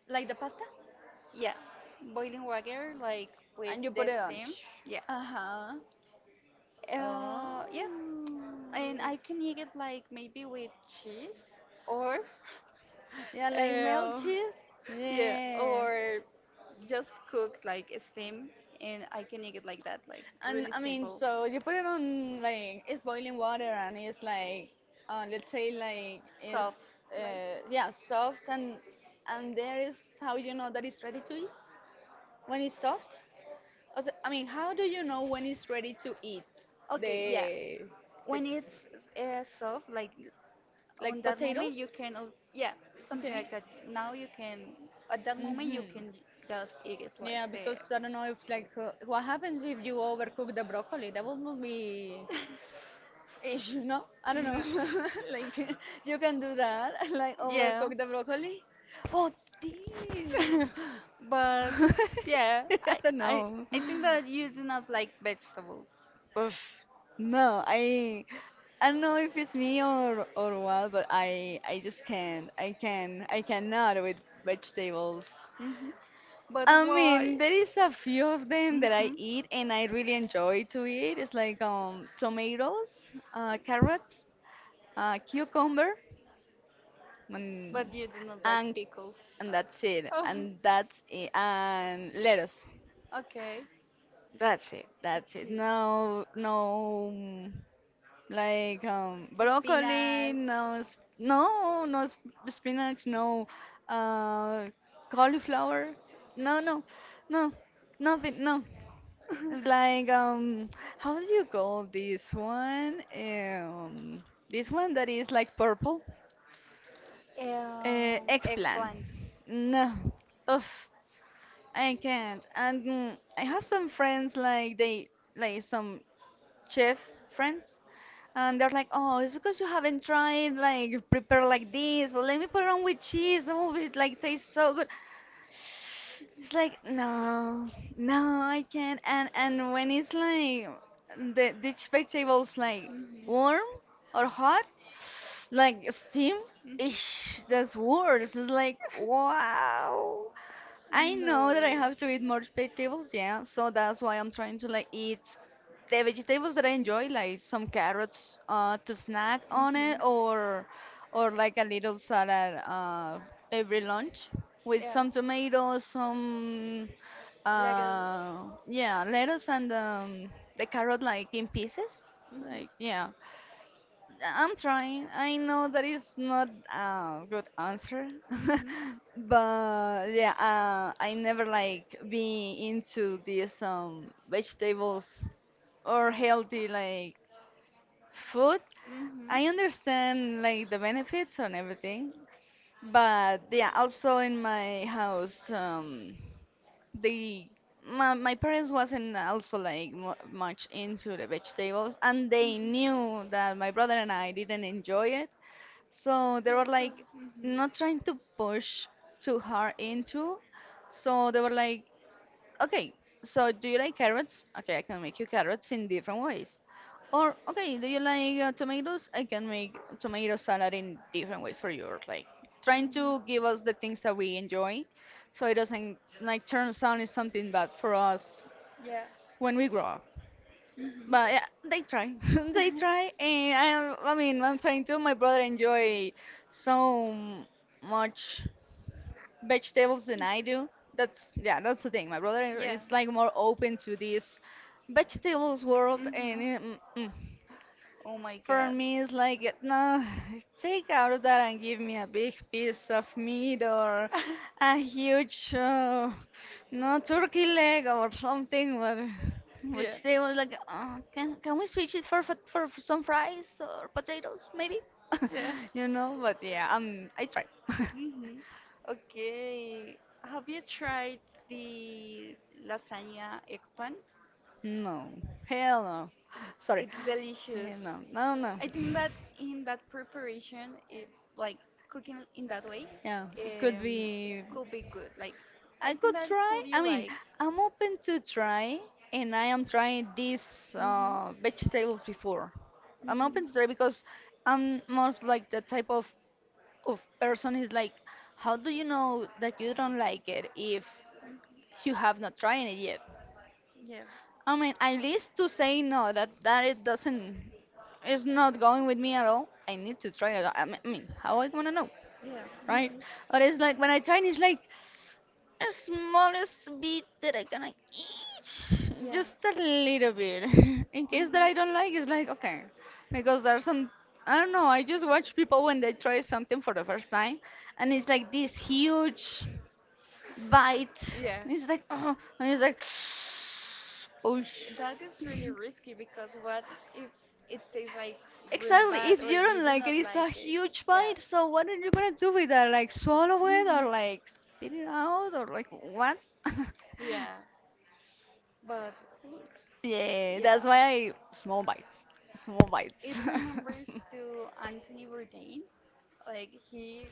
Speaker 2: like
Speaker 1: like
Speaker 2: the pasta?
Speaker 1: yeah, boiling water like with
Speaker 2: And you put
Speaker 1: the
Speaker 2: it on.
Speaker 1: steam. Yeah.
Speaker 2: Uh-huh.
Speaker 1: Uh-huh. Yeah,
Speaker 2: Oh.
Speaker 1: and I can eat it like maybe with cheese or
Speaker 2: Yeah, like melt
Speaker 1: uh,
Speaker 2: cheese.
Speaker 1: yeah,
Speaker 2: Yeah.
Speaker 1: or just cooked like steam, and I can eat it like that, like
Speaker 2: And
Speaker 1: really
Speaker 2: I mean,
Speaker 1: simple.
Speaker 2: so you put it on like it's boiling water and it's like let's say like
Speaker 1: Soft,
Speaker 2: it's
Speaker 1: like
Speaker 2: yeah soft and there is how you know that it's ready to eat when it's soft. Also, I mean, how do you know when it's ready to eat
Speaker 1: okay, yeah.
Speaker 2: the the
Speaker 1: When it's soft, like on
Speaker 2: like
Speaker 1: that moment
Speaker 2: potatoes?
Speaker 1: you can al- yeah something
Speaker 2: Okay.
Speaker 1: like that now you can at that moment you
Speaker 2: Mm-hmm.
Speaker 1: can just eat it like
Speaker 2: Yeah,
Speaker 1: there.
Speaker 2: because I don't know if like what happens if you overcook the broccoli. That would be if you know, I don't
Speaker 1: No.
Speaker 2: know. Like you can do that, like
Speaker 1: Yeah.
Speaker 2: overcook the broccoli. Oh damn!
Speaker 1: But yeah,
Speaker 2: I
Speaker 1: I,
Speaker 2: don't
Speaker 1: I
Speaker 2: know.
Speaker 1: I think that you do not like vegetables.
Speaker 2: Oof. No, I don't know if it's me or what, but I just can't. I cannot with vegetables.
Speaker 1: Hmm But
Speaker 2: I mean,
Speaker 1: why?
Speaker 2: there is a few of them that I
Speaker 1: Hmm
Speaker 2: eat and I really enjoy to eat. It's like tomatoes, carrots, cucumber. Mm.
Speaker 1: But you do not like
Speaker 2: And
Speaker 1: pickles.
Speaker 2: and that's it
Speaker 1: Oh,
Speaker 2: and that's it and lettuce.
Speaker 1: okay.
Speaker 2: That's it. That's it.
Speaker 1: Okay.
Speaker 2: No no mm, like broccoli
Speaker 1: Spinach.
Speaker 2: no spinach no uh cauliflower no no no nothing no like how do you call um this one that is like purple eggplant.
Speaker 1: Eggplant.
Speaker 2: No. Ugh. I can't. And mm, I have some friends like they like some chef friends and they're like, "Oh, it's because you haven't tried like prepare like this. Or let me put it on with cheese. Oh, it like tastes so good." It's like, "No. No, I can't." And when it's like these vegetables like
Speaker 1: Mhm.
Speaker 2: warm or hot, like steam,
Speaker 1: Mhm.
Speaker 2: ish, that's worse. It's like, "Wow." I know
Speaker 1: No.
Speaker 2: that I have to eat more vegetables, yeah, so that's why I'm trying to like eat the vegetables that I enjoy, like some carrots to snack on
Speaker 1: Mhm.
Speaker 2: it, or like a little salad every lunch with
Speaker 1: Yeah.
Speaker 2: some tomatoes, some
Speaker 1: Legos.
Speaker 2: yeah, lettuce and the carrot like in pieces,
Speaker 1: Mhm.
Speaker 2: like yeah. I'm trying. I know that is not a good answer,
Speaker 1: Mhm.
Speaker 2: but yeah, I never like be into these vegetables or
Speaker 1: Yeah.
Speaker 2: healthy like food. I understand like the benefits and everything, but yeah, also in my house, they my parents wasn't also like mu
Speaker 1: Mhm.
Speaker 2: much into the
Speaker 1: Language
Speaker 2: vegetables, and
Speaker 1: they,
Speaker 2: they
Speaker 1: they knew.
Speaker 2: knew that my brother and I didn't enjoy it
Speaker 1: So
Speaker 2: so
Speaker 1: they
Speaker 2: they
Speaker 1: yeah, were
Speaker 2: were
Speaker 1: so, like
Speaker 2: like
Speaker 1: mhm. Not
Speaker 2: not trying to push
Speaker 1: to
Speaker 2: too hard into.
Speaker 1: so
Speaker 2: So they were like,
Speaker 1: okay.
Speaker 2: okay,
Speaker 1: So
Speaker 2: so do you like carrots?
Speaker 1: to
Speaker 2: Okay, I can make you carrots in different ways. Or okay, do you like tomatoes? I can make tomato salad in
Speaker 1: make
Speaker 2: different ways
Speaker 1: difference
Speaker 2: for you. Or
Speaker 1: like,
Speaker 2: like trying
Speaker 1: trying to
Speaker 2: to give us the things that we enjoy, so it doesn't like
Speaker 1: like
Speaker 2: turn sound into something bad for us
Speaker 1: yeah.
Speaker 2: when
Speaker 1: When
Speaker 2: we grow up.
Speaker 1: mhm. But
Speaker 2: But yeah, they try. They try, and I mean, I'm trying to. My brother enjoy
Speaker 1: so
Speaker 2: so much
Speaker 1: vegetables
Speaker 2: vegetables than
Speaker 1: and I
Speaker 2: I do. That's yeah, that's the thing. My brother
Speaker 1: yeah.
Speaker 2: is
Speaker 1: Like
Speaker 2: like
Speaker 1: more
Speaker 2: more
Speaker 1: open
Speaker 2: open
Speaker 1: to
Speaker 2: to
Speaker 1: this
Speaker 2: this
Speaker 1: vegetables
Speaker 2: vegetables
Speaker 1: world.
Speaker 2: world,
Speaker 1: Mhm.
Speaker 2: and
Speaker 1: And
Speaker 2: mm, mm.
Speaker 1: oh my
Speaker 2: For
Speaker 1: god.
Speaker 2: me, it's like, no, take out of that and give me a big piece of meat or a huge, no, turkey leg or something. But
Speaker 1: Yeah.
Speaker 2: which they was like, can we switch it for some fries or potatoes, maybe?
Speaker 1: Yeah.
Speaker 2: You know, but yeah, I try.
Speaker 1: Mhm. Okay. Have you tried the lasagna egg pan?
Speaker 2: No, hell no. Sorry.
Speaker 1: It's delicious.
Speaker 2: Hell no, no, no.
Speaker 1: I think that in that preparation, it, like cooking in that way,
Speaker 2: Yeah, it could
Speaker 1: um,
Speaker 2: be.
Speaker 1: could be good. Like,
Speaker 2: I
Speaker 1: I think
Speaker 2: could
Speaker 1: that
Speaker 2: try.
Speaker 1: could you
Speaker 2: I mean,
Speaker 1: like,
Speaker 2: I'm open to try, and I am trying these
Speaker 1: mhm,
Speaker 2: vegetables before. I'm open to try
Speaker 1: mhm,
Speaker 2: because I'm most like the type of person is like, how do you know that you don't like it if you have not tried it yet?
Speaker 1: yeah, yeah,
Speaker 2: I mean, at least to say no, that it doesn't, it's not going with me at all. I need to try it. I mean, how I wanna know, right?
Speaker 1: mhm,
Speaker 2: Or it's like when I try and it's like the smallest bit that I gonna eat,
Speaker 1: yeah.
Speaker 2: just a little bit.
Speaker 1: In
Speaker 2: In
Speaker 1: case
Speaker 2: case that
Speaker 1: that I
Speaker 2: I don't
Speaker 1: don't know
Speaker 2: like, it's
Speaker 1: her,
Speaker 2: like okay, because
Speaker 1: I
Speaker 2: there's
Speaker 1: some
Speaker 2: some I don't
Speaker 1: I
Speaker 2: know. I just watch people when they
Speaker 1: they try
Speaker 2: try
Speaker 1: something
Speaker 2: something
Speaker 1: for
Speaker 2: for the
Speaker 1: the first
Speaker 2: first time,
Speaker 1: time,
Speaker 2: and
Speaker 1: and
Speaker 2: it's
Speaker 1: it's like
Speaker 2: like this
Speaker 1: this huge
Speaker 2: huge
Speaker 1: bite.
Speaker 2: bite.
Speaker 1: Yeah.
Speaker 2: It's like oh, and it's like oh. sh-
Speaker 1: That is really risky because what if it tastes like really exactly,
Speaker 2: Exactly.
Speaker 1: bad
Speaker 2: If
Speaker 1: if or
Speaker 2: you
Speaker 1: you
Speaker 2: don't like it,
Speaker 1: don't do like not it, it's like a
Speaker 2: it's a
Speaker 1: like it? Huge
Speaker 2: huge
Speaker 1: yeah,
Speaker 2: bite.
Speaker 1: bite. I
Speaker 2: So what are you gonna do with that? Like
Speaker 1: don't
Speaker 2: swallow
Speaker 1: really
Speaker 2: it
Speaker 1: Mhm.
Speaker 2: or
Speaker 1: Don't like
Speaker 2: like spit it out or like
Speaker 1: it. Oh,
Speaker 2: what?
Speaker 1: yeah. But
Speaker 2: Yeah,
Speaker 1: yeah.
Speaker 2: that's
Speaker 1: That's
Speaker 2: why
Speaker 1: why I
Speaker 2: I small
Speaker 1: small bites.
Speaker 2: bites. Small
Speaker 1: Small bites.
Speaker 2: bites.
Speaker 1: It remembers to Anthony Bourdain. Like he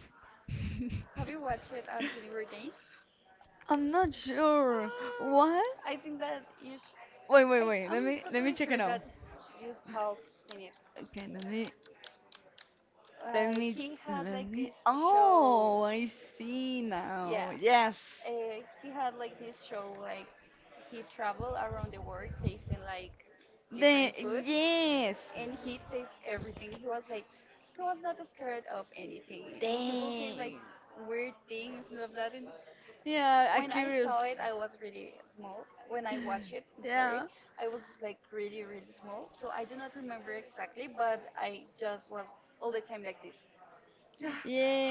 Speaker 1: have you watched Anthony Bourdain?
Speaker 2: I'm not sure.
Speaker 1: Well,
Speaker 2: What?
Speaker 1: I think that you
Speaker 2: Wait, wait,
Speaker 1: sh-
Speaker 2: wait.
Speaker 1: I'm
Speaker 2: Let me
Speaker 1: totally
Speaker 2: check it
Speaker 1: sure
Speaker 2: out.
Speaker 1: that you have seen it.
Speaker 2: Okay, let me let me
Speaker 1: He had
Speaker 2: let
Speaker 1: like
Speaker 2: me.
Speaker 1: this show.
Speaker 2: Oh, I see
Speaker 1: Yeah,
Speaker 2: now. Yes.
Speaker 1: he had like this show like he traveled around the world tasting like
Speaker 2: The
Speaker 1: different foods,
Speaker 2: yes.
Speaker 1: and he tastes everything. He was like he was not scared of anything,
Speaker 2: Like
Speaker 1: and he will taste like
Speaker 2: Dang.
Speaker 1: weird things and all of that. And yeah,
Speaker 2: Yeah,
Speaker 1: I
Speaker 2: I when
Speaker 1: when I curious.
Speaker 2: curious.
Speaker 1: Saw curious. It, I was really small. When I watched it, I'm sorry,
Speaker 2: Yeah.
Speaker 1: yeah. I was like really, really small. So I do not remember exactly, but I just was all the time like this. Yeah,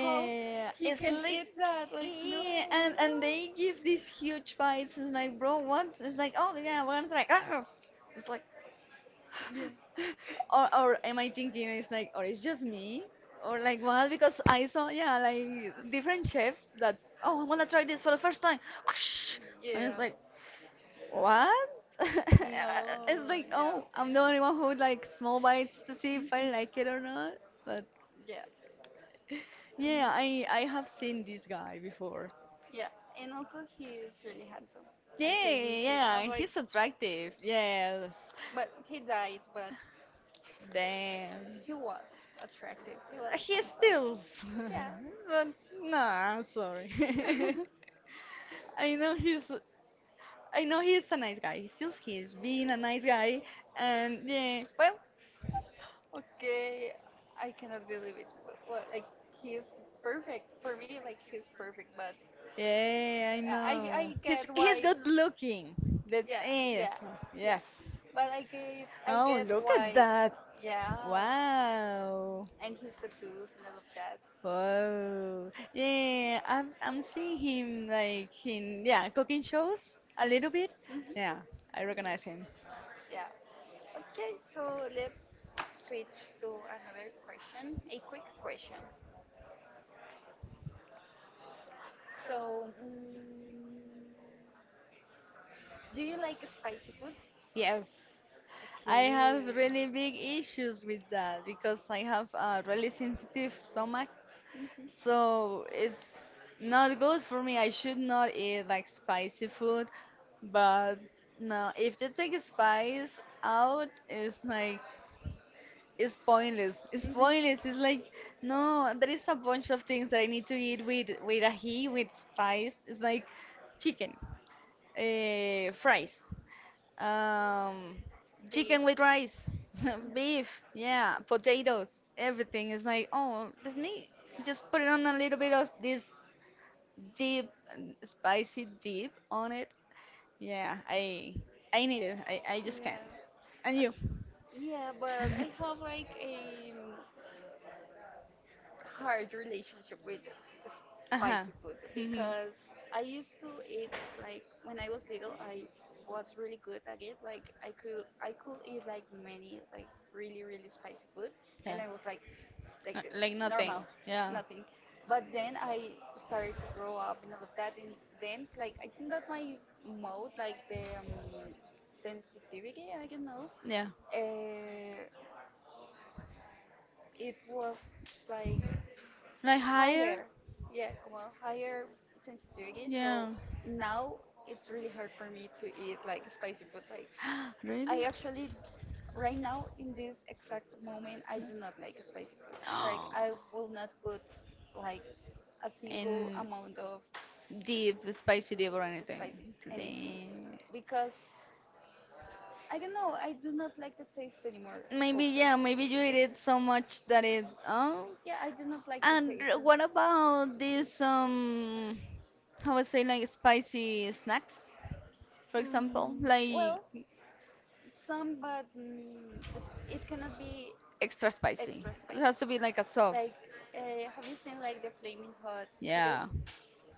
Speaker 1: how yeah, he it's
Speaker 2: It's
Speaker 1: can eat
Speaker 2: like
Speaker 1: crazy. That? Like, no,
Speaker 2: yeah,
Speaker 1: yeah, and
Speaker 2: and
Speaker 1: no.
Speaker 2: they
Speaker 1: They
Speaker 2: give
Speaker 1: is
Speaker 2: these huge
Speaker 1: huge.
Speaker 2: bites. It's like, bro, what? It's like,
Speaker 1: Like, oh
Speaker 2: oh yeah,
Speaker 1: yeah,
Speaker 2: we're
Speaker 1: what
Speaker 2: gonna
Speaker 1: the
Speaker 2: try.
Speaker 1: heck?
Speaker 2: Ah! It's like,
Speaker 1: Like, yeah. or
Speaker 2: or
Speaker 1: or
Speaker 2: or am
Speaker 1: am
Speaker 2: I
Speaker 1: I
Speaker 2: thinking
Speaker 1: thinking it's
Speaker 2: it's like,
Speaker 1: like
Speaker 2: or
Speaker 1: oh,
Speaker 2: it's
Speaker 1: just
Speaker 2: just
Speaker 1: me,
Speaker 2: me, or
Speaker 1: or
Speaker 2: like
Speaker 1: like well
Speaker 2: what?
Speaker 1: because
Speaker 2: Because I
Speaker 1: I saw
Speaker 2: saw yeah,
Speaker 1: like
Speaker 2: like different
Speaker 1: different chefs
Speaker 2: chefs
Speaker 1: that
Speaker 2: that, oh,
Speaker 1: oh
Speaker 2: I
Speaker 1: I'm
Speaker 2: wanna
Speaker 1: gonna
Speaker 2: try
Speaker 1: try
Speaker 2: this
Speaker 1: that,
Speaker 2: for the first time.
Speaker 1: and
Speaker 2: And
Speaker 1: yeah.
Speaker 2: it's like,
Speaker 1: It's like
Speaker 2: What?
Speaker 1: no,
Speaker 2: It's like,
Speaker 1: yeah.
Speaker 2: oh, I'm the only one who would like small bites to see
Speaker 1: Mhm.
Speaker 2: if I like it or not. But
Speaker 1: Yeah.
Speaker 2: yeah, I have seen this guy before.
Speaker 1: Yeah, and also he is really handsome. I
Speaker 2: Yeah,
Speaker 1: think, yeah,
Speaker 2: yeah,
Speaker 1: like,
Speaker 2: he's attractive. Yes.
Speaker 1: but he died, but
Speaker 2: Damn.
Speaker 1: he was attractive. He was
Speaker 2: He
Speaker 1: handsome.
Speaker 2: steals. But nah, sorry. I know he's
Speaker 1: Yeah.
Speaker 2: I know he's a nice guy. He steals. He's being a nice guy, and yeah, well,
Speaker 1: Okay, I cannot believe it. Wh- what, like he's perfect for me. Like he's perfect, but
Speaker 2: yeah, I
Speaker 1: yeah, I
Speaker 2: know. He's
Speaker 1: get
Speaker 2: he's
Speaker 1: why.
Speaker 2: good looking. That
Speaker 1: Yeah,
Speaker 2: is,
Speaker 1: yeah, yeah.
Speaker 2: yes.
Speaker 1: But I get I
Speaker 2: Oh,
Speaker 1: get
Speaker 2: look at
Speaker 1: why.
Speaker 2: that.
Speaker 1: Yeah,
Speaker 2: Wow.
Speaker 1: and his tattoos and all of that.
Speaker 2: Wow. Yeah, I'm seeing him like in yeah, cooking shows a little bit.
Speaker 1: Mhm.
Speaker 2: Yeah, I recognize him.
Speaker 1: Yeah. Okay, so let's switch to another question, a quick question. So, mm, do you like spicy food? Yes,
Speaker 2: Yes.
Speaker 1: I
Speaker 2: I
Speaker 1: okay. Have Okay.
Speaker 2: have
Speaker 1: really
Speaker 2: really
Speaker 1: big
Speaker 2: big
Speaker 1: issues
Speaker 2: issues
Speaker 1: with
Speaker 2: with
Speaker 1: that
Speaker 2: that
Speaker 1: because
Speaker 2: because I
Speaker 1: I have
Speaker 2: have
Speaker 1: a
Speaker 2: a really
Speaker 1: really
Speaker 2: sensitive
Speaker 1: sensitive
Speaker 2: stomach.
Speaker 1: stomach. Mhm. So
Speaker 2: So
Speaker 1: it's
Speaker 2: it's
Speaker 1: not
Speaker 2: not
Speaker 1: good
Speaker 2: good
Speaker 1: for
Speaker 2: for me.
Speaker 1: me. I
Speaker 2: I should
Speaker 1: should not
Speaker 2: not
Speaker 1: eat
Speaker 2: eat
Speaker 1: like
Speaker 2: like spicy
Speaker 1: spicy food.
Speaker 2: food, but
Speaker 1: But no,
Speaker 2: no,
Speaker 1: if
Speaker 2: if they
Speaker 1: you
Speaker 2: take
Speaker 1: take spice
Speaker 2: spice
Speaker 1: out,
Speaker 2: out,
Speaker 1: it's
Speaker 2: it's like
Speaker 1: like
Speaker 2: it's
Speaker 1: it's
Speaker 2: pointless.
Speaker 1: pointless.
Speaker 2: It's
Speaker 1: It's mhm. Pointless.
Speaker 2: pointless. It's
Speaker 1: It's
Speaker 2: like
Speaker 1: like no,
Speaker 2: no, there
Speaker 1: there is
Speaker 2: is a
Speaker 1: a
Speaker 2: bunch
Speaker 1: bunch of
Speaker 2: of things
Speaker 1: things
Speaker 2: that
Speaker 1: that
Speaker 2: I
Speaker 1: I
Speaker 2: need
Speaker 1: need
Speaker 2: to
Speaker 1: to eat
Speaker 2: eat with
Speaker 1: with
Speaker 2: with
Speaker 1: a
Speaker 2: ahi,
Speaker 1: he
Speaker 2: with
Speaker 1: with
Speaker 2: spice.
Speaker 1: spice.
Speaker 2: It's
Speaker 1: It's
Speaker 2: like
Speaker 1: like chicken,
Speaker 2: chicken, fries,
Speaker 1: fries, um,
Speaker 2: um,
Speaker 1: beef.
Speaker 2: chicken
Speaker 1: Chicken
Speaker 2: with
Speaker 1: with rice,
Speaker 2: rice, beef,
Speaker 1: beef, yeah,
Speaker 2: yeah,
Speaker 1: potatoes,
Speaker 2: potatoes,
Speaker 1: everything.
Speaker 2: everything. It's
Speaker 1: It's
Speaker 2: like
Speaker 1: like oh,
Speaker 2: oh, let me just
Speaker 1: just
Speaker 2: put
Speaker 1: put
Speaker 2: it
Speaker 1: on
Speaker 2: on a
Speaker 1: a
Speaker 2: little
Speaker 1: little
Speaker 2: bit
Speaker 1: bit of
Speaker 2: of
Speaker 1: this
Speaker 2: this deep,
Speaker 1: deep
Speaker 2: and
Speaker 1: spicy
Speaker 2: spicy dip
Speaker 1: dip
Speaker 2: on
Speaker 1: on
Speaker 2: it.
Speaker 1: it,
Speaker 2: Yeah,
Speaker 1: yeah, I
Speaker 2: I
Speaker 1: I
Speaker 2: I
Speaker 1: knew.
Speaker 2: need it.
Speaker 1: I,
Speaker 2: I,
Speaker 1: I
Speaker 2: I
Speaker 1: just
Speaker 2: just can't.
Speaker 1: yeah. Knew. I
Speaker 2: And
Speaker 1: Knew.
Speaker 2: you?
Speaker 1: Yeah, but I have like a hard relationship with uh-huh.
Speaker 2: Uh-huh.
Speaker 1: Spicy food
Speaker 2: Hmm.
Speaker 1: because I used to eat like when I was little I was really good at it. Like I could eat like many like really really spicy food and
Speaker 2: Yeah.
Speaker 1: I was like this,
Speaker 2: Like nothing.
Speaker 1: normal,
Speaker 2: Yeah.
Speaker 1: nothing. But then I started to grow up and all of that, and then like I think that my mode, like the sensitivity, I don't know,
Speaker 2: Yeah.
Speaker 1: uh, it was like
Speaker 2: Like higher?
Speaker 1: higher, yeah, come on, higher sensitivity. So
Speaker 2: Yeah.
Speaker 1: now it's really hard for me to eat like spicy food, like I
Speaker 2: Really?
Speaker 1: actually, right now, in this exact moment, I do not like spicy food. Like,
Speaker 2: Oh.
Speaker 1: I will not put like a single
Speaker 2: And
Speaker 1: amount of deep,
Speaker 2: deep, spicy
Speaker 1: spicy
Speaker 2: deep
Speaker 1: deep,
Speaker 2: or
Speaker 1: right?
Speaker 2: anything.
Speaker 1: Spicy anything
Speaker 2: Damn.
Speaker 1: because I don't know. I do not like the taste anymore. Maybe,
Speaker 2: Maybe
Speaker 1: also,
Speaker 2: yeah,
Speaker 1: yeah,
Speaker 2: maybe
Speaker 1: maybe
Speaker 2: you
Speaker 1: you ex-
Speaker 2: eat
Speaker 1: eat
Speaker 2: it
Speaker 1: ex- it so
Speaker 2: so
Speaker 1: much
Speaker 2: much that
Speaker 1: that it,
Speaker 2: it oh.
Speaker 1: yeah, I do not like the and
Speaker 2: And
Speaker 1: taste.
Speaker 2: r-
Speaker 1: What
Speaker 2: what about
Speaker 1: about
Speaker 2: these
Speaker 1: these, how
Speaker 2: how I
Speaker 1: I
Speaker 2: say
Speaker 1: say, like
Speaker 2: like spicy
Speaker 1: spicy snacks,
Speaker 2: snacks, for
Speaker 1: for example?
Speaker 2: example,
Speaker 1: Mm, like,
Speaker 2: like
Speaker 1: well, some, but mm, it's, it cannot be
Speaker 2: extra spicy.
Speaker 1: extra
Speaker 2: It
Speaker 1: spice.
Speaker 2: has to be like a soft.
Speaker 1: Like, have you seen like the flaming hot
Speaker 2: Yeah,
Speaker 1: Cheetos?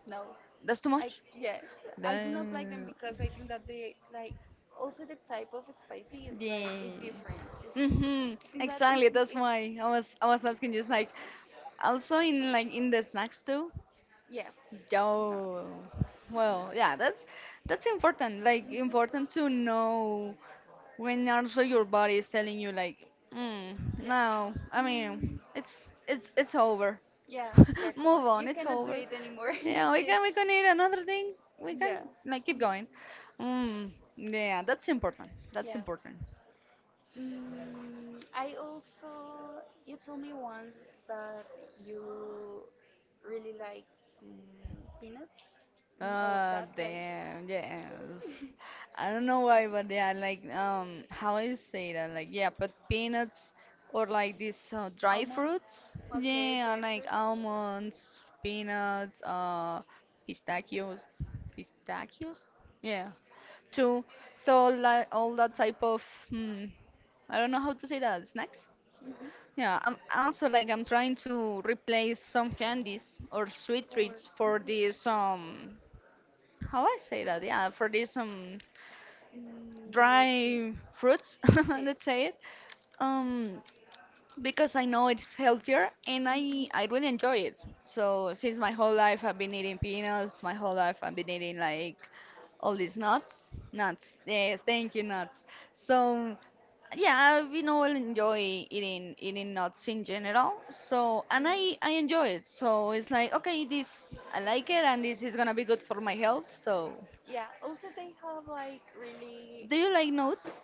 Speaker 1: No,
Speaker 2: that's too
Speaker 1: I
Speaker 2: much.
Speaker 1: yeah, I do not like them
Speaker 2: Damn.
Speaker 1: because I think that they like also the type of spicy. It's like a
Speaker 2: Yeah.
Speaker 1: different. It's,
Speaker 2: Mm-hmm.
Speaker 1: I think that is
Speaker 2: Exactly. That's
Speaker 1: it.
Speaker 2: why I was asking just like also in like in the snacks too.
Speaker 1: Yeah, no, no,
Speaker 2: Yo. Well, yeah, that's important. Like important to know when also your body is telling you like, mm, no, I
Speaker 1: mhm, yeah.
Speaker 2: mean it's over.
Speaker 1: Yeah, yeah, come on.
Speaker 2: Move on,
Speaker 1: You
Speaker 2: it's
Speaker 1: cannot do
Speaker 2: over.
Speaker 1: it anymore. You
Speaker 2: Yeah, we
Speaker 1: did,
Speaker 2: can we can eat another thing. We can
Speaker 1: yeah,
Speaker 2: like keep going. Mm, yeah, that's important. That's
Speaker 1: yeah.
Speaker 2: important.
Speaker 1: Mm, I also, you told me once that you really like peanuts and all of that, like
Speaker 2: Damn, yes. I don't know why, but yeah, like, how I say that? Like, yeah, but peanuts or like these dry
Speaker 1: almonds.
Speaker 2: fruits,
Speaker 1: Okay,
Speaker 2: yeah,
Speaker 1: dry
Speaker 2: like
Speaker 1: fruits.
Speaker 2: almonds, peanuts, pistachios, pistachios, yeah, too. So, like, all that type of, hmm, I don't know how to say that, snacks?
Speaker 1: Mhm.
Speaker 2: Yeah, I'm also like I'm trying to replace some candies or sweet
Speaker 1: For
Speaker 2: treats for
Speaker 1: mm,
Speaker 2: this how I say that? Yeah, for these
Speaker 1: let me
Speaker 2: dry fruits, let's say it. Um, because I know it's healthier and I really enjoy it. So since my whole life I've been eating peanuts, my whole life I've been eating like all these nuts. Yes,
Speaker 1: think.
Speaker 2: thank you, nuts.
Speaker 1: Mhm.
Speaker 2: So
Speaker 1: Yeah, I
Speaker 2: yeah, we
Speaker 1: you
Speaker 2: know
Speaker 1: know
Speaker 2: I
Speaker 1: enjoy
Speaker 2: enjoy
Speaker 1: eating
Speaker 2: eating
Speaker 1: eating
Speaker 2: eating
Speaker 1: nuts
Speaker 2: nuts
Speaker 1: in
Speaker 2: in
Speaker 1: general.
Speaker 2: general.
Speaker 1: So
Speaker 2: So and
Speaker 1: and I
Speaker 2: I
Speaker 1: I enjoy
Speaker 2: enjoy it.
Speaker 1: it. So
Speaker 2: So it's
Speaker 1: it's
Speaker 2: like
Speaker 1: like
Speaker 2: okay,
Speaker 1: okay, this
Speaker 2: this I
Speaker 1: I
Speaker 2: like
Speaker 1: like
Speaker 2: it
Speaker 1: it,
Speaker 2: and
Speaker 1: and this
Speaker 2: this is
Speaker 1: is
Speaker 2: gonna
Speaker 1: gonna
Speaker 2: be
Speaker 1: be
Speaker 2: good
Speaker 1: good
Speaker 2: for
Speaker 1: for
Speaker 2: my
Speaker 1: my health.
Speaker 2: health.
Speaker 1: So
Speaker 2: So
Speaker 1: yeah, also they have like really
Speaker 2: do
Speaker 1: do
Speaker 2: you
Speaker 1: you like
Speaker 2: like
Speaker 1: nuts?
Speaker 2: notes?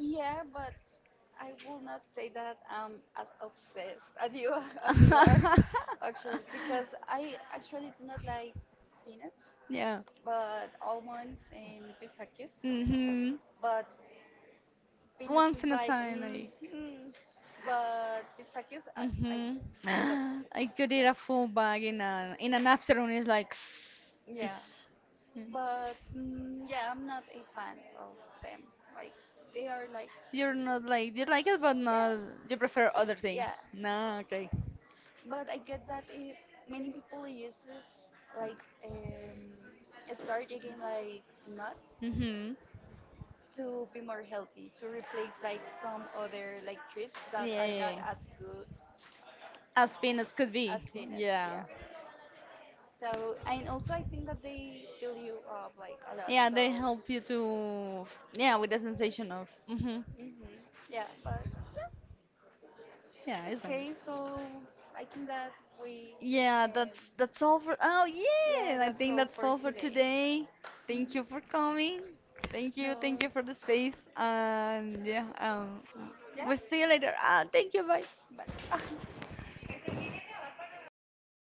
Speaker 1: Yeah, but I will not say that I'm as obsessed as you are, as you are actually because I actually do not like peanuts, yeah.
Speaker 2: Yeah.
Speaker 1: But almonds and pistachios. Mhm.
Speaker 2: Mhm.
Speaker 1: But peanuts
Speaker 2: Once
Speaker 1: is
Speaker 2: in a
Speaker 1: like,
Speaker 2: time,
Speaker 1: mm,
Speaker 2: like.
Speaker 1: mm. But pistachios, I,
Speaker 2: Mhm.
Speaker 1: I love
Speaker 2: I could
Speaker 1: pistachios.
Speaker 2: eat a
Speaker 1: Like,
Speaker 2: full bag in an afternoon. It's like. Ish.
Speaker 1: yeah,
Speaker 2: Mm.
Speaker 1: but mm, yeah, I'm not a fan of them. Like, they are like,
Speaker 2: You're not like you like it, but not you
Speaker 1: yeah,
Speaker 2: prefer other things.
Speaker 1: yeah.
Speaker 2: No, okay.
Speaker 1: But I get that it, many people uses like start again like nuts
Speaker 2: Mm-hmm.
Speaker 1: to be more healthy to replace like some other like treats that are not
Speaker 2: Yeah.
Speaker 1: as good as
Speaker 2: As peanuts could as
Speaker 1: peanuts,
Speaker 2: be.
Speaker 1: yeah.
Speaker 2: Peanuts. Yeah.
Speaker 1: Yeah. So and also I think that they fill you up like a lot.
Speaker 2: Yeah,
Speaker 1: Yeah,
Speaker 2: they help you to. Yeah,
Speaker 1: so
Speaker 2: with the sensation of. Mm-hmm.
Speaker 1: yeah. hmm Yeah, but
Speaker 2: Yeah, it's
Speaker 1: okay. So I think that we yeah,
Speaker 2: yeah, that's
Speaker 1: can.
Speaker 2: that's all for oh
Speaker 1: Yeah,
Speaker 2: yeah, I
Speaker 1: that's
Speaker 2: think
Speaker 1: all
Speaker 2: that's
Speaker 1: for
Speaker 2: all for
Speaker 1: today.
Speaker 2: today. Thank you for coming.
Speaker 1: No.
Speaker 2: Thank
Speaker 1: Thank
Speaker 2: you
Speaker 1: you.
Speaker 2: for
Speaker 1: For-
Speaker 2: the space. And yeah,
Speaker 1: yeah.
Speaker 2: we'll see
Speaker 1: Yeah.
Speaker 2: you later. Ah, thank you, bye.
Speaker 1: Pues, bye.